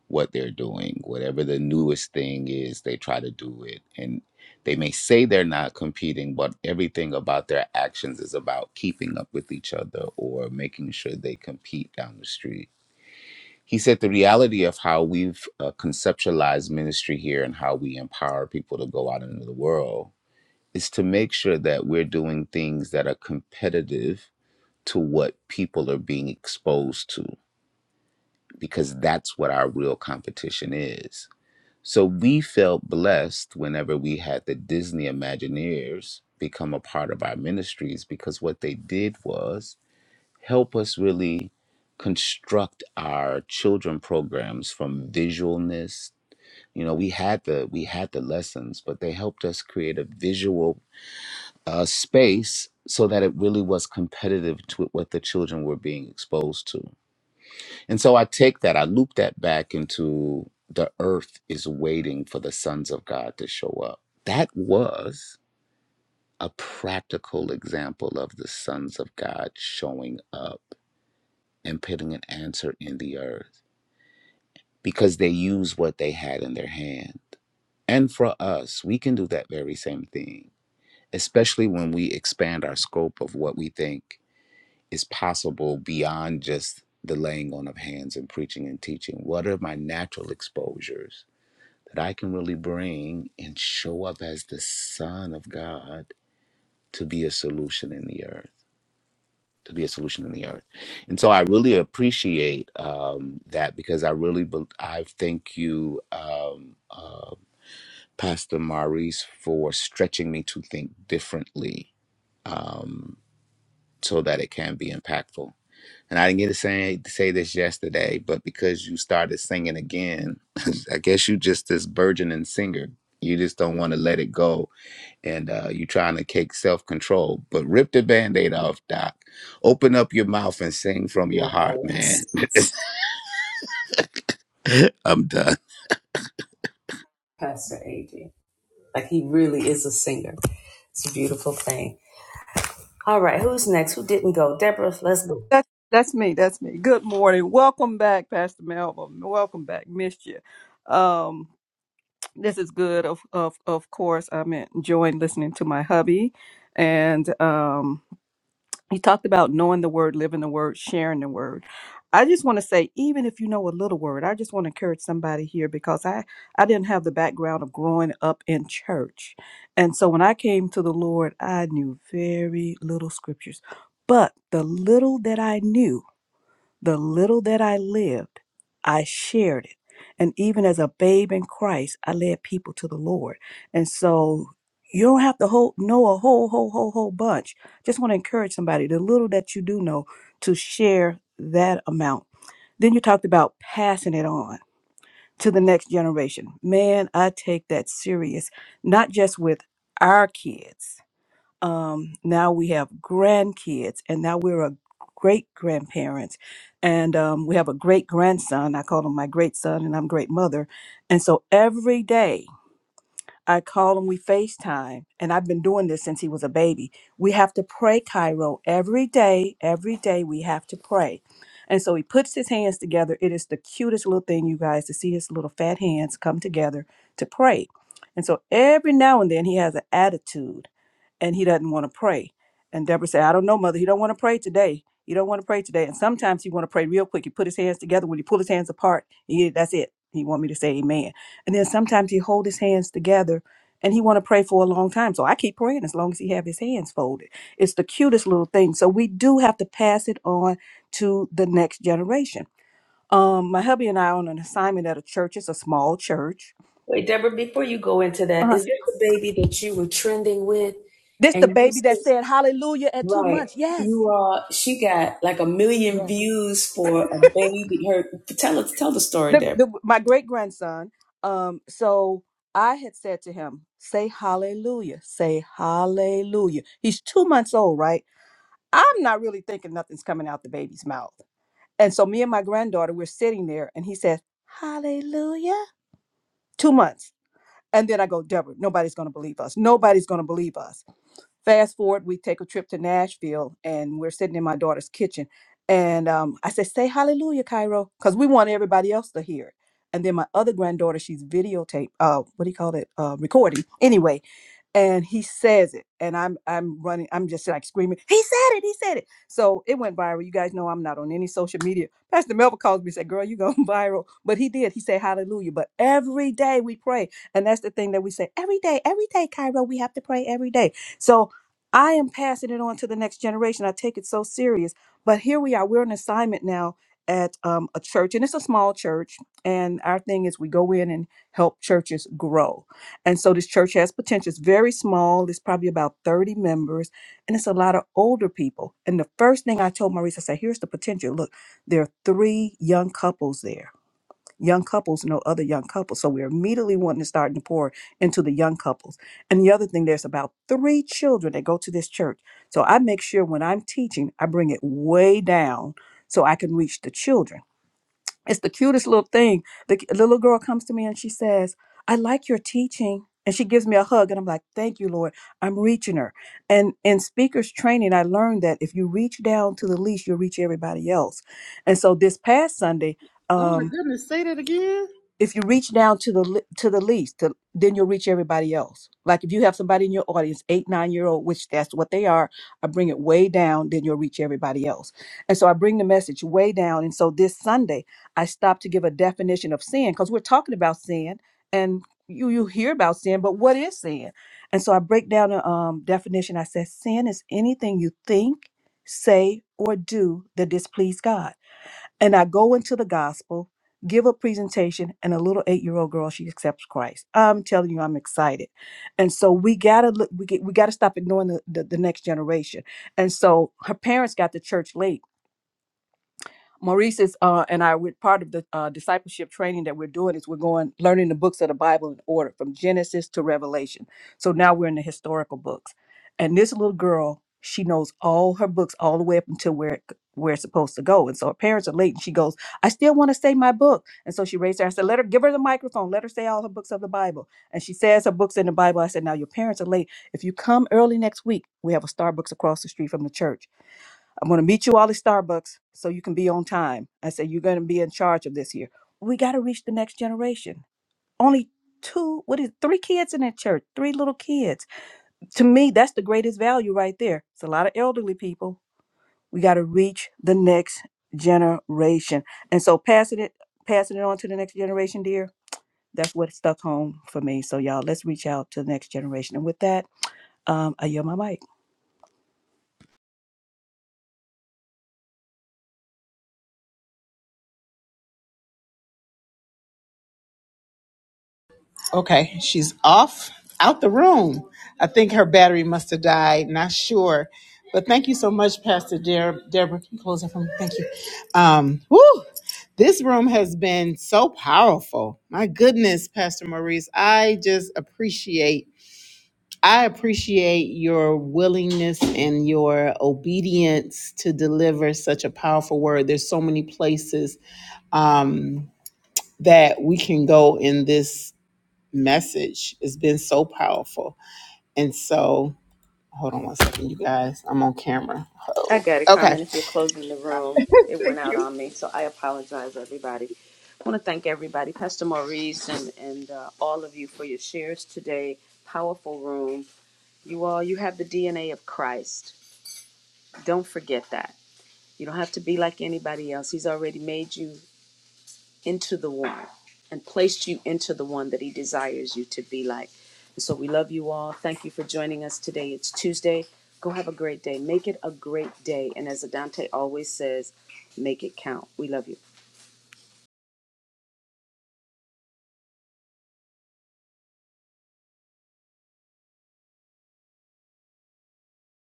Speaker 8: what they're doing, whatever the newest thing is, they try to do it. And they may say they're not competing, but everything about their actions is about keeping up with each other or making sure they compete down the street. He said the reality of how we've uh, conceptualized ministry here and how we empower people to go out into the world is to make sure that we're doing things that are competitive to what people are being exposed to, because that's what our real competition is so we felt blessed whenever we had the Disney Imagineers become a part of our ministries because what they did was help us really construct our children programs from visualness. You know, we had the we had the lessons, but they helped us create a visual uh, space so that it really was competitive to what the children were being exposed to. And so I take that, I loop that back into the earth is waiting for the sons of God to show up. That was a practical example of the sons of God showing up and putting an answer in the earth because they used what they had in their hand. And for us, we can do that very same thing, especially when we expand our scope of what we think is possible beyond just the laying on of hands and preaching and teaching. What are my natural exposures? that I can really bring and show up as the Son of God to be a solution in the earth, to be a solution in the earth. And so I really appreciate um, that because I really, bel I thank you, um, uh, Pastor Maurice, for stretching me to think differently um, so that it can be impactful. And I didn't get to say, to say this yesterday, but because you started singing again, I guess you just this burgeoning singer. You just don't want to let it go and uh, you're trying to take self control. But rip the band aid off, Doc. Open up your mouth and sing from your
Speaker 1: Yes,
Speaker 8: heart, man. I'm done.
Speaker 1: Pastor Adrian. Like he really is a singer. It's a beautiful thing. All right, who's next? Who didn't go? Deborah, let's go.
Speaker 9: That's that's me. That's me. Good morning. Welcome back, Pastor Melvin. Welcome back. Missed you. Um, this is good. Of of of course, I'm enjoying listening to my hubby, and um, he talked about knowing the word, living the word, sharing the word. I just want to say, even if you know a little word, I just want to encourage somebody here because I I didn't have the background of growing up in church, and so when I came to the Lord, I knew very little scriptures, but the little that I knew. The little that I lived, I shared it. And even as a babe in Christ, I led people to the Lord. And so you don't have to whole, know a whole, whole, whole, whole bunch. Just want to encourage somebody, the little that you do know, to share that amount. Then you talked about passing it on to the next generation. Man, I take that serious, not just with our kids um, now we have grandkids, and now we're a great grandparents, and um, we have a great grandson. I call him my great son, and I'm great mother. And so every day I call him, we FaceTime, and I've been doing this since he was a baby. We have to pray, Cairo, every day. Every day we have to pray. And so he puts his hands together. It is the cutest little thing, you guys, to see his little fat hands come together to pray. And so every now and then he has an attitude and he doesn't want to pray. And Deborah said, I don't know, mother. He don't want to pray today. He don't want to pray today. And sometimes he want to pray real quick. He put his hands together. When he pull his hands apart, he, that's it. He want me to say amen. And then sometimes he hold his hands together and he want to pray for a long time. So I keep praying as long as he have his hands folded. It's the cutest little thing. So we do have to pass it on to the next generation. Um, my hubby and I are on an assignment at a church. It's a small church.
Speaker 1: Wait, Deborah, before you go into that,
Speaker 9: Uh-huh.
Speaker 1: is this the baby that you were trending with?
Speaker 9: This the
Speaker 1: And you
Speaker 9: baby that
Speaker 1: said,
Speaker 9: said hallelujah at two
Speaker 1: right,
Speaker 9: months. Yes.
Speaker 1: you uh, she got like a million
Speaker 9: Yes.
Speaker 1: views for a baby. Her tell us, tell the story,
Speaker 9: The,
Speaker 1: Deborah.
Speaker 9: the, my great grandson. Um, so I had said to him, say hallelujah, say hallelujah. He's two months old, right? I'm not really thinking nothing's coming out the baby's mouth. And so me and my granddaughter, we're sitting there and he says, Hallelujah. Two months. And then I go, Deborah, nobody's going to believe us. Nobody's going to believe us. Fast forward, we take a trip to Nashville and we're sitting in my daughter's kitchen. And um, I said, Say hallelujah, Cairo, because we want everybody else to hear it. And then my other granddaughter, she's videotape, uh, what do you call it? Uh, recording. Anyway, and he says it and i'm i'm running i'm just like screaming he said it he said it so it went viral you guys know i'm not on any social media pastor melvin calls me and said girl you going viral but he did he said hallelujah but every day we pray and that's the thing that we say every day every day cairo we have to pray every day so I am passing it on to the next generation. I take it so serious. But here we are. We're on assignment now at um, a church, and it's a small church. And our thing is we go in and help churches grow. And so this church has potential. It's very small. It's probably about 30 members, and it's a lot of older people. And the first thing I told Maurice, I said, here's the potential. Look, there are three young couples there young couples know other young couples. So we're immediately wanting to start to pour into the young couples. And the other thing, there's about three children that go to this church. So I make sure when I'm teaching, I bring it way down so I can reach the children. It's the cutest little thing. The ki- little girl comes to me and she says, I like your teaching. And she gives me a hug, and I'm like, Thank you, Lord. I'm reaching her. And in speakers training, I learned that if you reach down to the least, you'll reach everybody else. And so this past Sunday,
Speaker 3: Oh my
Speaker 9: um,
Speaker 3: goodness! Say that again.
Speaker 9: if you reach down to the le- to the least to, then you'll reach everybody else like if you have somebody in your audience eight nine year old which that's what they are i bring it way down then you'll reach everybody else and so i bring the message way down and so this sunday i stopped to give a definition of sin because we're talking about sin and you you hear about sin but what is sin and so i break down a um, definition i said sin is anything you think say or do that displease god and I go into the gospel, give a presentation, and a little eight-year-old girl she accepts Christ. I'm telling you, I'm excited. And so we gotta look. We get, we gotta stop ignoring the, the the next generation. And so her parents got to church late Maurice is, uh, and I, we're part of the uh, discipleship training that we're doing is we're going, learning the books of the Bible in order from Genesis to Revelation. So now we're in the historical books. And this little girl, she knows all her books all the way up until where, it- where it's supposed to go. And so her parents are late and she goes, I still want to say my book. And so she raised her, I said, let her, give her the microphone, let her say all her books of the Bible. And she says her books in the Bible. I said, now your parents are late. If you come early next week, we have a Starbucks across the street from the church I'm going to meet you all at Starbucks so you can be on time. I said, You're going to be in charge of this here. We got to reach the next generation. Only two, what is three kids in that church, three little kids. To me, that's the greatest value right there. It's a lot of elderly people. We got to reach the next generation. And so passing it, passing it on to the next generation, dear, that's what stuck home for me. So y'all, let's reach out to the next generation. And with that, um, I yield my mic.
Speaker 3: Okay, she's off out the room. I think her battery must have died. Not sure, but thank you so much, Pastor Deb- Deborah. Can you close that for me? Thank you. Um, woo, this room has been so powerful. My goodness, Pastor Maurice, I just appreciate. I appreciate your willingness and your obedience to deliver such a powerful word. There's so many places um, that we can go in this message. has been so powerful. And so, hold on one second, you guys. I'm on camera.
Speaker 1: I
Speaker 3: Oh,
Speaker 1: got it,
Speaker 3: okay.
Speaker 1: Carmen. If you're closing the room, it
Speaker 3: Thank
Speaker 1: went out
Speaker 3: you.
Speaker 1: on me, so I apologize, everybody. I want to thank everybody, Pastor Maurice, and and uh, all of you for your shares today. Powerful room. You all, you have the DNA of Christ. Don't forget that. You don't have to be like anybody else. He's already made you into the one and placed you into the one that he desires you to be like. And so we love you all. Thank you for joining us today. It's Tuesday. Go have a great day. Make it a great day. And as Adante always says, make it count. We love you.